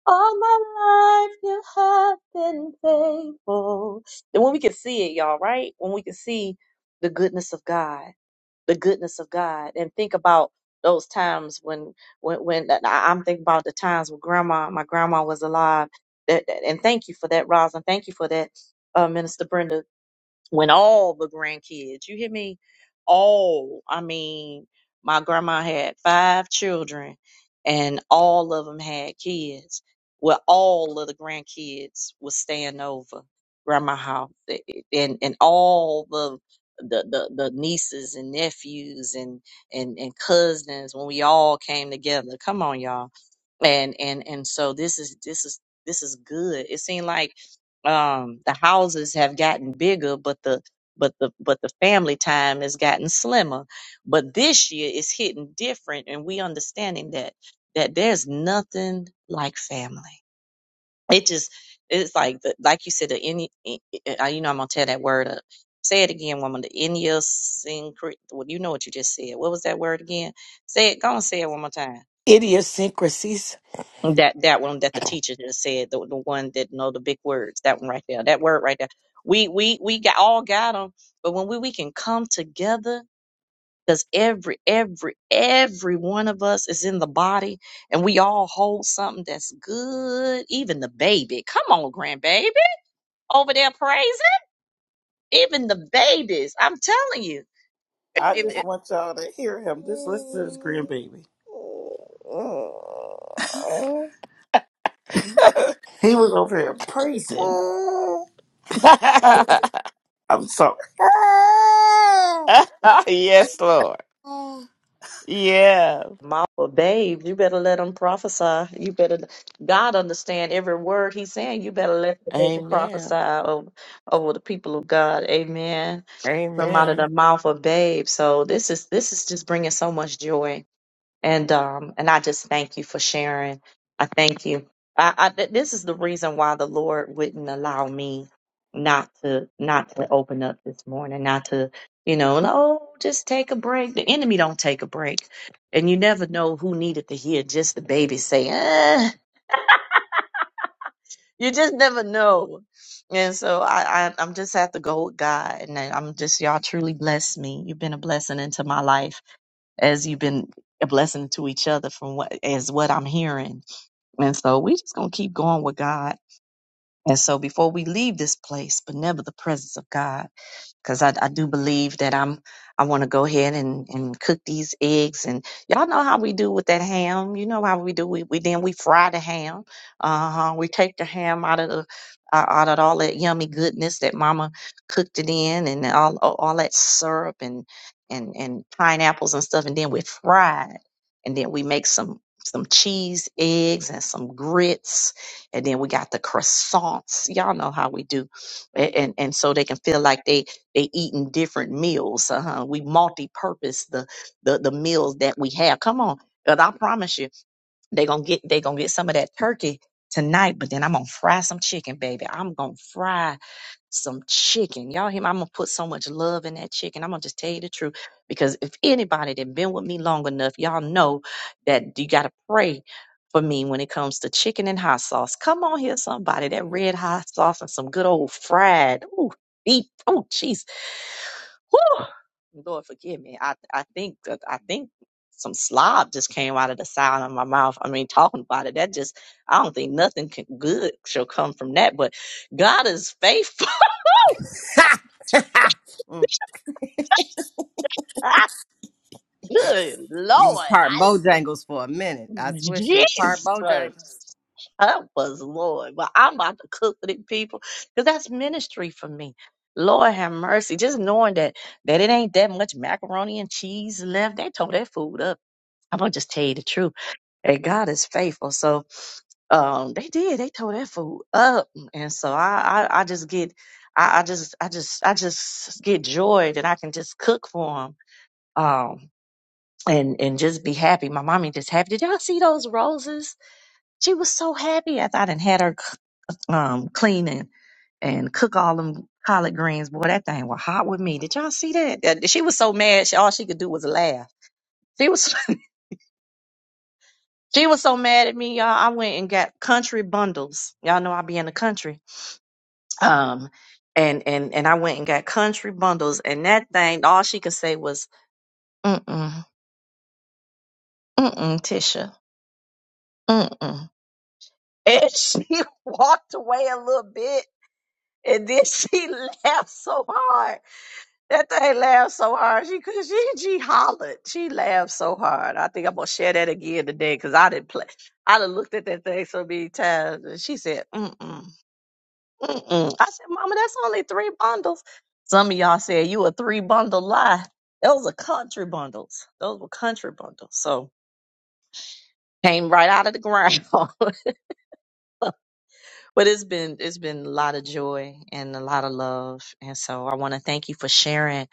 All my life you have been faithful. And when we can see it, y'all, right? When we can see the goodness of God the goodness of God and think about those times when when when I- I'm thinking about the times when grandma my grandma was alive that, that- and thank you for that Rosin thank you for that uh, Minister Brenda when all the grandkids, you hear me? All, I mean, my grandma had five children and all of them had kids. Well, all of the grandkids was staying over grandma house eh, eh, and, and all the, the, the, the nieces and nephews and, and, and cousins when we all came together. Come on, y'all. And, and, and so this is, this is, this is good. It seemed like um the houses have gotten bigger but the but the but the family time has gotten slimmer but this year is hitting different and we understanding that that there's nothing like family it just it's like the like you said the any you know i'm gonna tear that word up say it again woman the idiosyncrasy well you know what you just said what was that word again say it go on say it one more time
idiosyncrasies.
that that one that the teacher just said, the the one that know the big words, that one right there, that word right there. We we we got all got them, but when we we can come together, because every every every one of us is in the body, and we all hold something that's good. Even the baby, come on, grandbaby, over there praising. Even the babies, I'm telling you,
I
if, if-
just want y'all to hear him. Just listen to his grandbaby. He was over here praising. I'm sorry.
yes, Lord. Yeah.
Mama, babe, you better let him prophesy. You better, God understand every word he's saying. You better let the baby prophesy
Amen.
over, over the people of God. Amen. From out of
Amen.
the mouth of babe. So this is this is just bringing so much joy and um and I just thank you for sharing. I thank you. I, I th- this is the reason why the Lord wouldn't allow me not to not to open up this morning, not to you know, no, just take a break. The enemy don't take a break, and you never know who needed to hear just the baby say, eh. you just never know. And so I, I I'm just have to go with God, and I- I'm just y'all truly bless me. You've been a blessing into my life as you've been a blessing to each other from what as what I'm hearing. And so we just gonna keep going with God and so before we leave this place, but never the presence of God, because I, I do believe that I'm I want to go ahead and, and cook these eggs and y'all know how we do with that ham. You know how we do we, we then we fry the ham. Uh-huh. We take the ham out of the uh, out of all that yummy goodness that mama cooked it in and all all all that syrup and and and pineapples and stuff and then we fry it and then we make some some cheese eggs and some grits and then we got the croissants. Y'all know how we do, and and, and so they can feel like they they eating different meals. Uh-huh. We multi-purpose the, the the meals that we have. Come on, because I promise you. They gonna get they gonna get some of that turkey tonight, but then I'm gonna fry some chicken, baby. I'm gonna fry some chicken. Y'all hear me? I'm gonna put so much love in that chicken. I'm gonna just tell you the truth. Because if anybody that been with me long enough, y'all know that you gotta pray for me when it comes to chicken and hot sauce. Come on here, somebody. That red hot sauce and some good old fried. Ooh, deep. Oh, jeez. Woo! Lord, forgive me. I I think that I think some slob just came out of the side of my mouth. I mean, talking about it, that just I don't think nothing can, good shall come from that. But God is faithful.
Ha! Mm,
Ah, good
you was
Lord,
part
I
Bojangles for a minute. I swear she was part
Jesus,
Bojangles.
help us, Lord. But I'm about to cook for these people because that's ministry for me. Lord have mercy. Just knowing that that it ain't that much macaroni and cheese left, they tore that food up. I'm gonna just tell you the truth. And God is faithful. So um they did they tore that food up and so i i, I just get I, I just i just i just get joy that i can just cook for them um and and just be happy my mommy just happy did y'all see those roses she was so happy after i done had her c- um clean and and cook all them collard greens boy that thing was hot with me did y'all see that Uh, she was so mad she, all she could do was laugh she was She was so mad at me, y'all. I went and got country bundles. Y'all know I be in the country. Um, and and and I went and got country bundles, and that thing, all she could say was, "Mm mm mm mm, Tisha, mm mm." And she walked away a little bit, and then she laughed so hard. That thing laughed so hard. She could she she hollered. She laughed so hard. I think I'm gonna share that again today because I didn't play. I done looked at that thing so many times. And she said, mm mm. Mm-mm. I said, Mama, that's only three bundles. Some of y'all said you a three bundle lie. Those are country bundles. Those were country bundles. So came right out of the ground. but it's been it's been a lot of joy and a lot of love. And so I want to thank you for sharing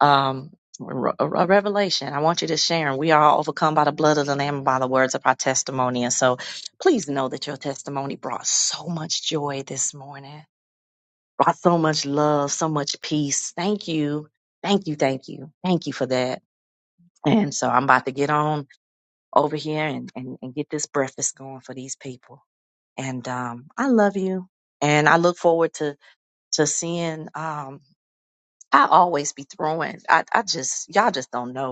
um a a revelation. I want you to share. and We are all overcome by the blood of the Lamb and by the words of our testimony. And so please know that your testimony brought so much joy this morning brought so much love, so much peace. Thank you. Thank you. Thank you. Thank you for that. And so I'm about to get on over here and, and, and get this breakfast going for these people. And um, I love you. And I look forward to to seeing um I always be throwing. I, I just y'all just don't know.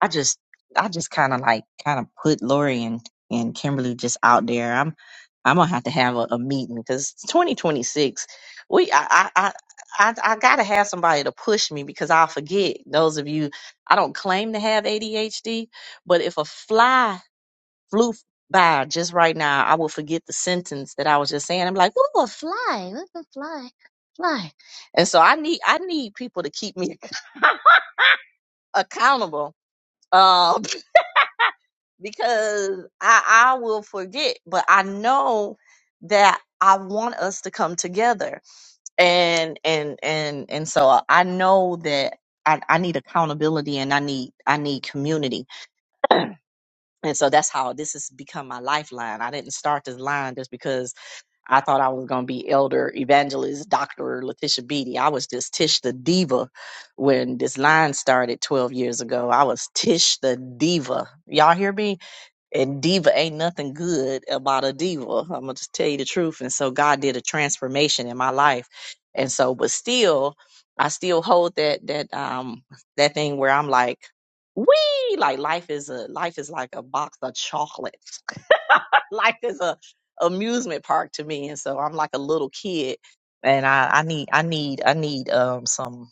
I just I just kind of like kind of put Lori and and Kimberly just out there. I'm I'm gonna have to have a, a meeting because 2026. We I I. I I, I gotta have somebody to push me because I'll forget. Those of you, I don't claim to have ADHD, but if a fly flew by just right now, I will forget the sentence that I was just saying. I'm like, "Ooh, a fly, look a fly, fly," and so I need I need people to keep me accountable Um, because I, I will forget, but I know that I want us to come together. And and and and so I know that I, I need accountability and I need I need community. And so that's how this has become my lifeline. I didn't start this line just because I thought I was going to be elder evangelist Dr. Letitia Beatty. I was just Tish the diva when this line started 12 years ago. I was Tish the diva. Y'all hear me? And diva ain't nothing good about a diva. I'm gonna just tell you the truth. And so God did a transformation in my life. And so, but still, I still hold that that um that thing where I'm like, we like life is a life is like a box of chocolates. life is a amusement park to me. And so I'm like a little kid and I, I need I need I need um some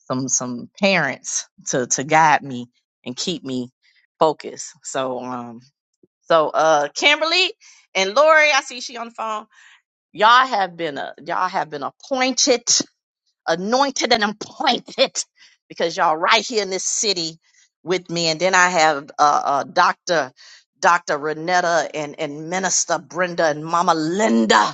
some some parents to to guide me and keep me focused. So um so uh Kimberly and Lori, I see she on the phone. Y'all have been uh, y'all have been appointed, anointed and appointed because y'all right here in this city with me. And then I have uh, uh Dr. Dr. Renetta and, and Minister Brenda and Mama Linda.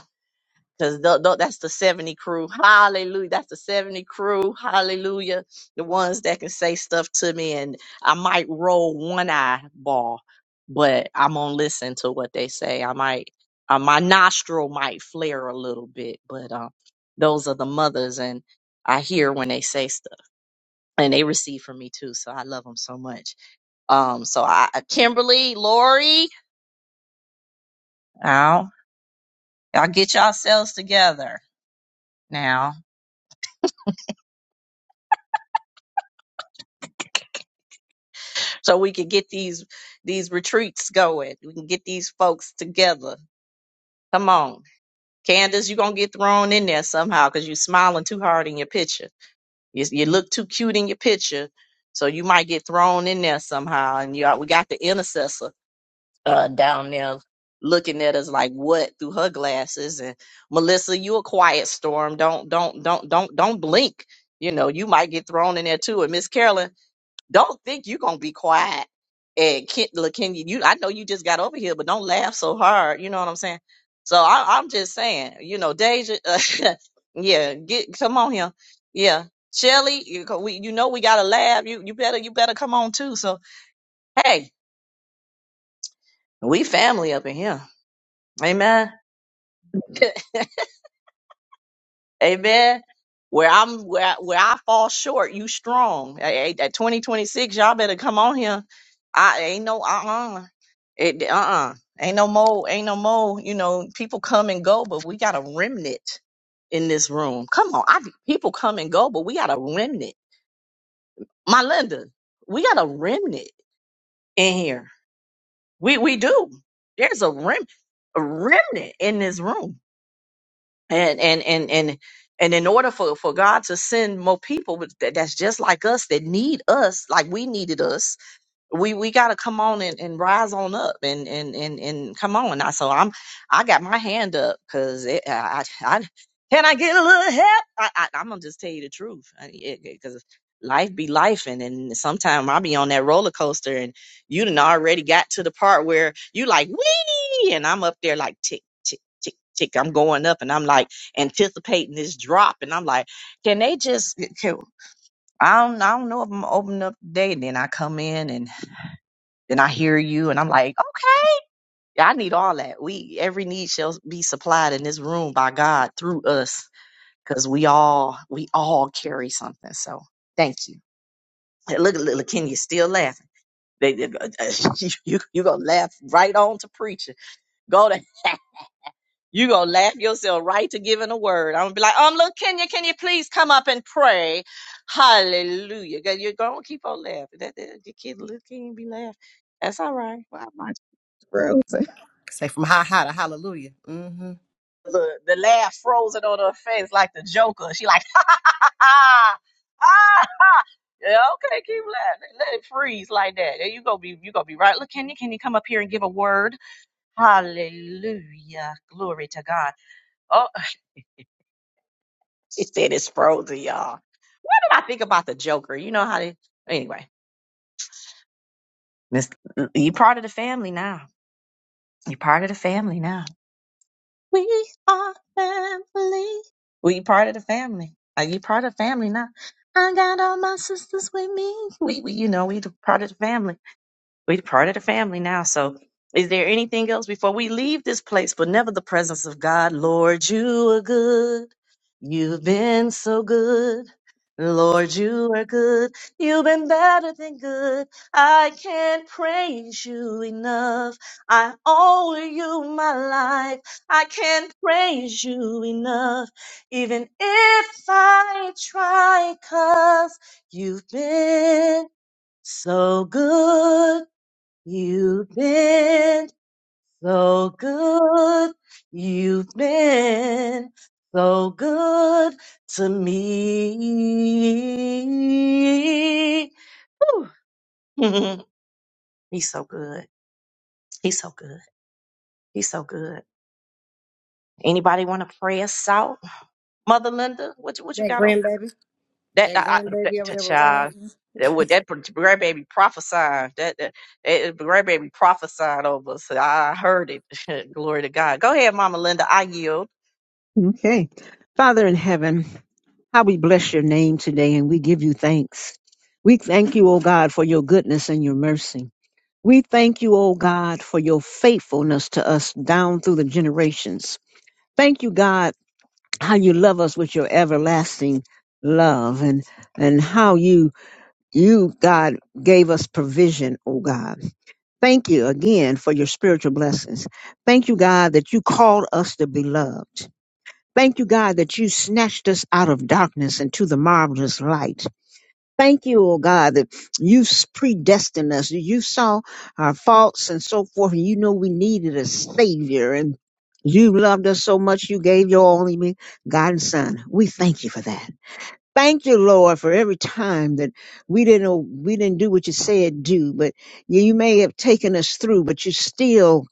Cause that's the 70 crew. Hallelujah. That's the 70 crew. Hallelujah. The ones that can say stuff to me and I might roll one eyeball, but I'm gonna listen to what they say. I might uh, my nostril might flare a little bit, but um those are the mothers and I hear when they say stuff and they receive from me too. So I love them so much. Um so I- Kimberly, Lori, now y'all get yourselves together so we can get these these retreats going. We can get these folks together. Come on, Candace, you're gonna get thrown in there somehow because you're smiling too hard in your picture. You, you look too cute in your picture, so you might get thrown in there somehow. And you we got the intercessor uh, down there looking at us like what through her glasses. And Melissa, you a quiet storm. Don't don't don't don't don't blink. You know, you might get thrown in there too. And Miss Carolyn, don't think you're gonna be quiet. And Ken, look, Kenya, you I know you just got over here, but don't laugh so hard. You know what I'm saying? So I, I'm just saying, you know, Deja, uh, yeah, get come on here, yeah. Shelly, you co- we you know we gotta laugh. You you better you better come on too. So hey, we family up in here. Amen. Amen. Where I'm where I, where I fall short, you strong. A- a- At 2026, y'all better come on here. I ain't no uh-uh. It uh-uh. Ain't no more, ain't no more, you know, people come and go, but we got a remnant in this room. Come on. I people come and go, but we got a remnant. My Linda, we got a remnant in here. We we do. There's a rem a remnant in this room. and and and and and in order for for God to send more people with- that- that's just like us that need us like we needed us we we got to come on and, and rise on up and and and and come on now. So I'm I got my hand up because I, I I can I get a little help? I, I I'm gonna just tell you the truth because life be life and and sometimes I be on that roller coaster and you done already got to the part where you like wee and I'm up there like tick tick tick tick I'm going up and I'm like anticipating this drop and I'm like can they just can, I don't I don't know if I'm opening up today and then I come in and then I hear you and I'm like, okay, I need all that. We every need shall be supplied in this room by God through us. Cause we all we all carry something. So thank you. Hey, Look, look, look, Kenya still laughing. They, they- you, you, you gonna laugh right on to preaching. Go to you gonna laugh yourself right to giving a word. I'm gonna be like, um, look, Kenya, can you please come up and pray? Hallelujah. 'Cause You're gonna keep on laughing. That, that, your kid, little Kenya, be laughing. That's all right.
Wow, my throat.
Say from ha ha to hallelujah. Mm-hmm.
the, the laugh frozen on her face like the Joker. She like, ha ha ha ha ha. ha. Yeah, okay, keep laughing. Let it freeze like that. And You gonna be you gonna be right. Look, can you can you come up here and give a word? Hallelujah. Glory to God. Oh she said it's frozen, y'all. What did I think about the Joker? You know how they anyway. This, you part of the family now. you part of the family now. We are family. We part of the family. Are you part of family now? I got all my sisters with me. We, we you know, we the part of the family. We're part of the family now. So, is there anything else before we leave this place, but never the presence of God? Lord, you are good. You've been so good. Lord, you are good. You've been better than good. I can't praise you enough. I owe you my life. I can't praise you enough. Even if I try, cause you've been so good. You've been so good. You've been so good to me. Whew. He's so good. He's so good. He's so good. Anybody want to pray us out, Mother Linda? What you, what you
That
got on
grandbaby,
that?
that
I, I- that,
grandbaby or
that
whatever, Rob.
child. That would that grandbaby prophesied that that, that uh, grandbaby prophesied over us. I heard it. Glory to God. Go ahead, Mama Linda. I yield.
Okay. Father in heaven, how we bless your name today and we give you thanks. We thank you, O God, for your goodness and your mercy. We thank you, O God, for your faithfulness to us down through the generations. Thank you, God, how you love us with your everlasting love and and how you you God gave us provision, oh God. Thank you again for your spiritual blessings. Thank you, God, that you called us to be loved. Thank you, God, that you snatched us out of darkness into the marvelous light. Thank you, oh God, that you s- predestined us. You saw our faults and so forth, and you know we needed a savior. And you loved us so much, you gave your only begotten son. We thank you for that. Thank you, Lord, for every time that we didn't know- we didn't do what you said do, but you, you may have taken us through, but you still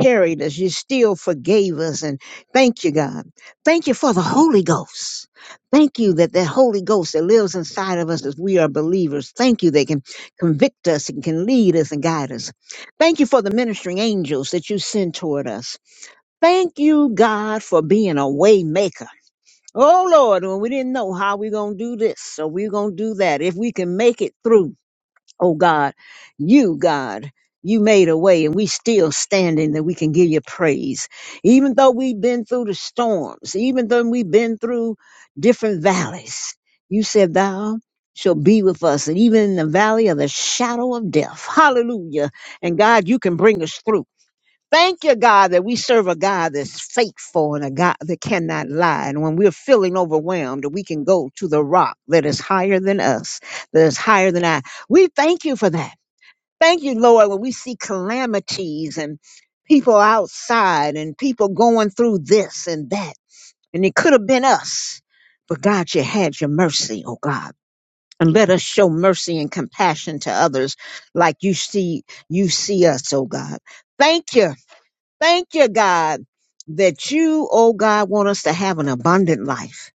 carried us. You still forgave us, and thank you, God. Thank you for the Holy Ghost. Thank you that the Holy Ghost that lives inside of us as we are believers. Thank you they can convict us and can lead us and guide us. Thank you for the ministering angels that you send toward us. Thank you, God, for being a waymaker. Oh Lord, when we didn't know how we're gonna do this, so we're gonna do that. If we can make it through, oh God, you God, you made a way, and we still standing that we can give you praise. Even though we've been through the storms, even though we've been through different valleys, you said thou shalt be with us, and even in the valley of the shadow of death. Hallelujah. And God, you can bring us through. Thank you, God, that we serve a God that's faithful and a God that cannot lie. And when we're feeling overwhelmed, we can go to the rock that is higher than us, that is higher than I. We thank you for that. Thank you, Lord, when we see calamities and people outside and people going through this and that. And it could have been us. But God, you had your mercy, oh God. And let us show mercy and compassion to others like you see you see us, oh God. Thank you Thank you, God, that you, oh God, want us to have an abundant life.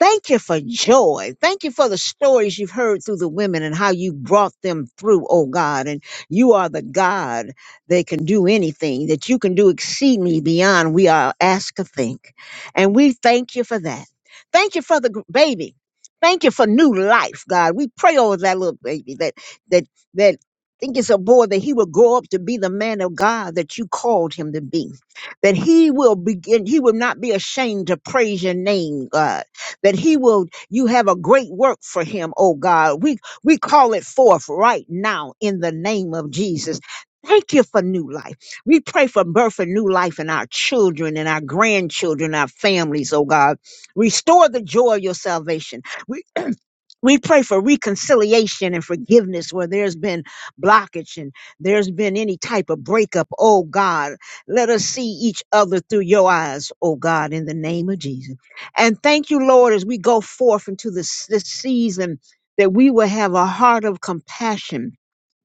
Thank you for joy. Thank you for the stories you've heard through the women and how you brought them through, oh God. And you are the God that can do anything, that you can do exceedingly beyond we are asked to think. And we thank you for that. Thank you for the gr- baby. Thank you for new life, God. We pray over that little baby that that that think it's a boy that he will grow up to be the man of God that you called him to be. That he will begin, he will not be ashamed to praise your name, God. That he will, you have a great work for him, oh God. We we call it forth right now in the name of Jesus. Thank you for new life. We pray for birth and new life in our children and our grandchildren, our families, oh God. Restore the joy of your salvation. We pray for reconciliation and forgiveness where there's been blockage and there's been any type of breakup. Oh God, let us see each other through your eyes, oh God, in the name of Jesus. And thank you, Lord, as we go forth into this, this season that we will have a heart of compassion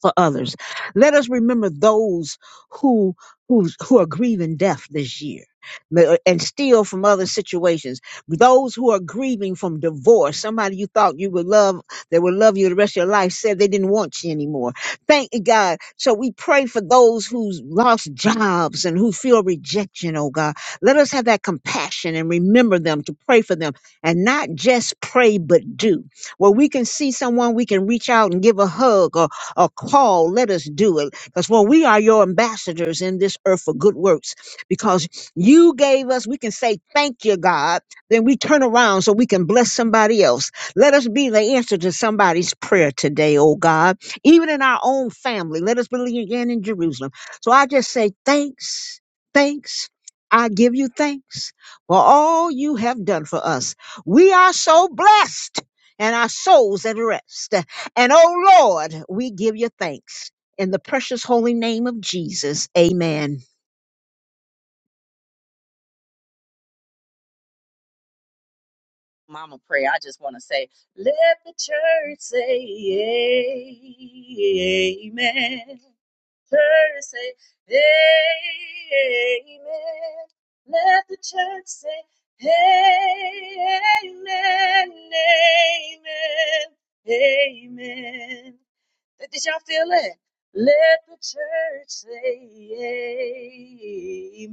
for others. Let us remember those who who who are grieving death this year ma- uh, and still from other situations. Those who are grieving from divorce, somebody you thought you would love, that would love you the rest of your life said they didn't want you anymore. Thank you, God. So we pray for those who's lost jobs and who feel rejection, oh God. Let us have that compassion and remember them to pray for them and not just pray but do. Where we can see someone, we can reach out and give a hug a call, let us do it. Because, for we are your ambassadors in this earth for good works. Because you gave us, we can say, Thank you, God. Then we turn around so we can bless somebody else. Let us be the answer to somebody's prayer today, oh God. Even in our own family, let us believe again in Jerusalem. So I just say, Thanks, thanks. I give you thanks for all you have done for us. We are so blessed and our souls at rest. And oh Lord, we give you thanks in the precious holy name of Jesus. Amen.
Mama pray. I just want to say, let the church say, yeah,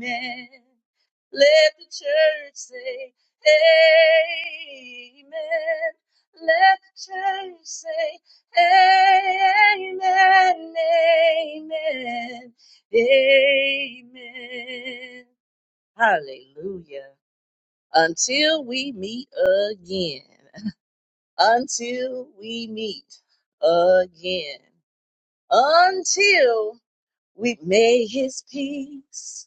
amen. Let the church say, amen, amen, amen. Hallelujah. Until we meet again. Until we meet again. Until we may his peace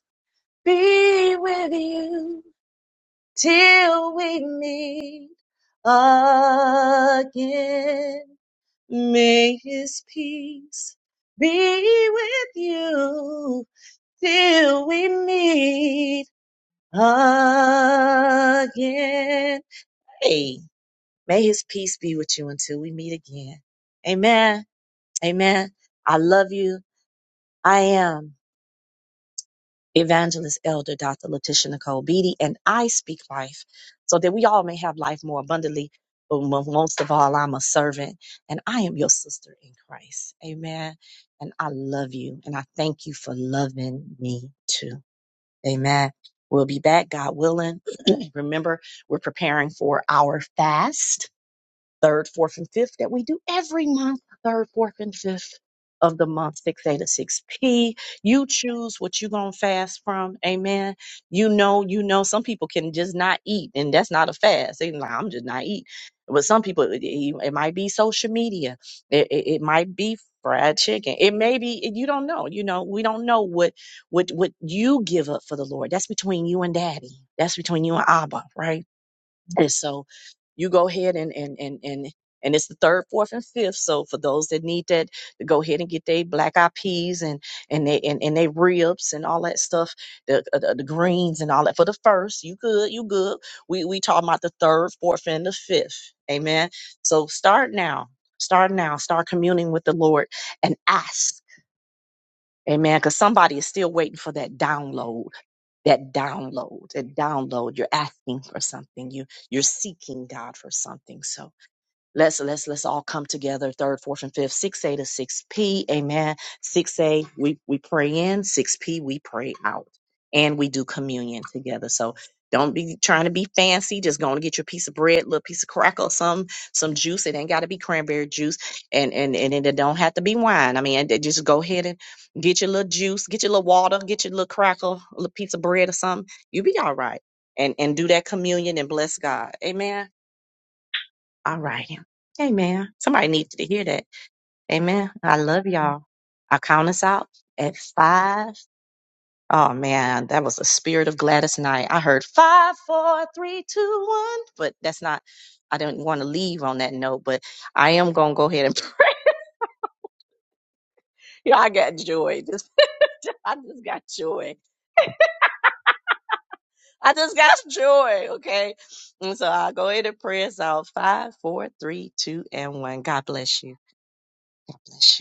be with you till we meet again. May his peace be with you till we meet again. Hey, may his peace be with you until we meet again. Amen. Amen. I love you. I am. evangelist elder dr letitia nicole beatty and i speak life so that we all may have life more abundantly but mo- most of all i'm a servant and i am your sister in christ amen and i love you and i thank you for loving me too amen we'll be back god willing remember we're preparing for our fast third, fourth, and fifth that we do every month, third, fourth, and fifth of the month, 6A to 6P. You choose what you're going to fast from. Amen. You know, you know, some people can just not eat, and that's not a fast. They, like, I'm just not eat. But some people, it, it- it might be social media, it, it, it might be fried chicken. It may be, you don't know. You know, we don't know what, what, what you give up for the Lord. That's between you and daddy. That's between you and Abba, right? And so you go ahead and and and and and it's the third, fourth, and fifth. So for those that need that, to go ahead and get their black eyed peas and and they and, and they ribs and all that stuff, the, uh, the the greens and all that for the first. You good, you good. We we talking about the third, fourth, and the fifth. Amen. So start now. Start now. Start communing with the Lord and ask. Amen. Because somebody is still waiting for that download. That download. That download. You're asking for something. You you're seeking God for something. So Let's let's let's all come together third, fourth, and fifth, six A to six P. Amen. Six A we we pray in, six P we pray out, and we do communion together. So don't be trying to be fancy. Just going to get your piece of bread, little piece of crackle, some some juice. It ain't got to be cranberry juice, and and and it don't have to be wine. I mean, it- just go ahead and get your little juice, get your little water, get your little crackle, a little piece of bread or something. You'll be all right, and and do that communion and bless God. Amen. All righty. Amen. Somebody needed to hear that. Amen. I love y'all. I count us out at five. Oh man, that was the spirit of Gladys Knight. I heard five, four, three, two, one, but that's not. I didn't want to leave on that note, but I am gonna go ahead and pray. I got joy. Just, I just got joy. I just got joy. Okay, and so I'll go ahead and pray us out. Five, four, three, two, and one. God bless you. God bless you.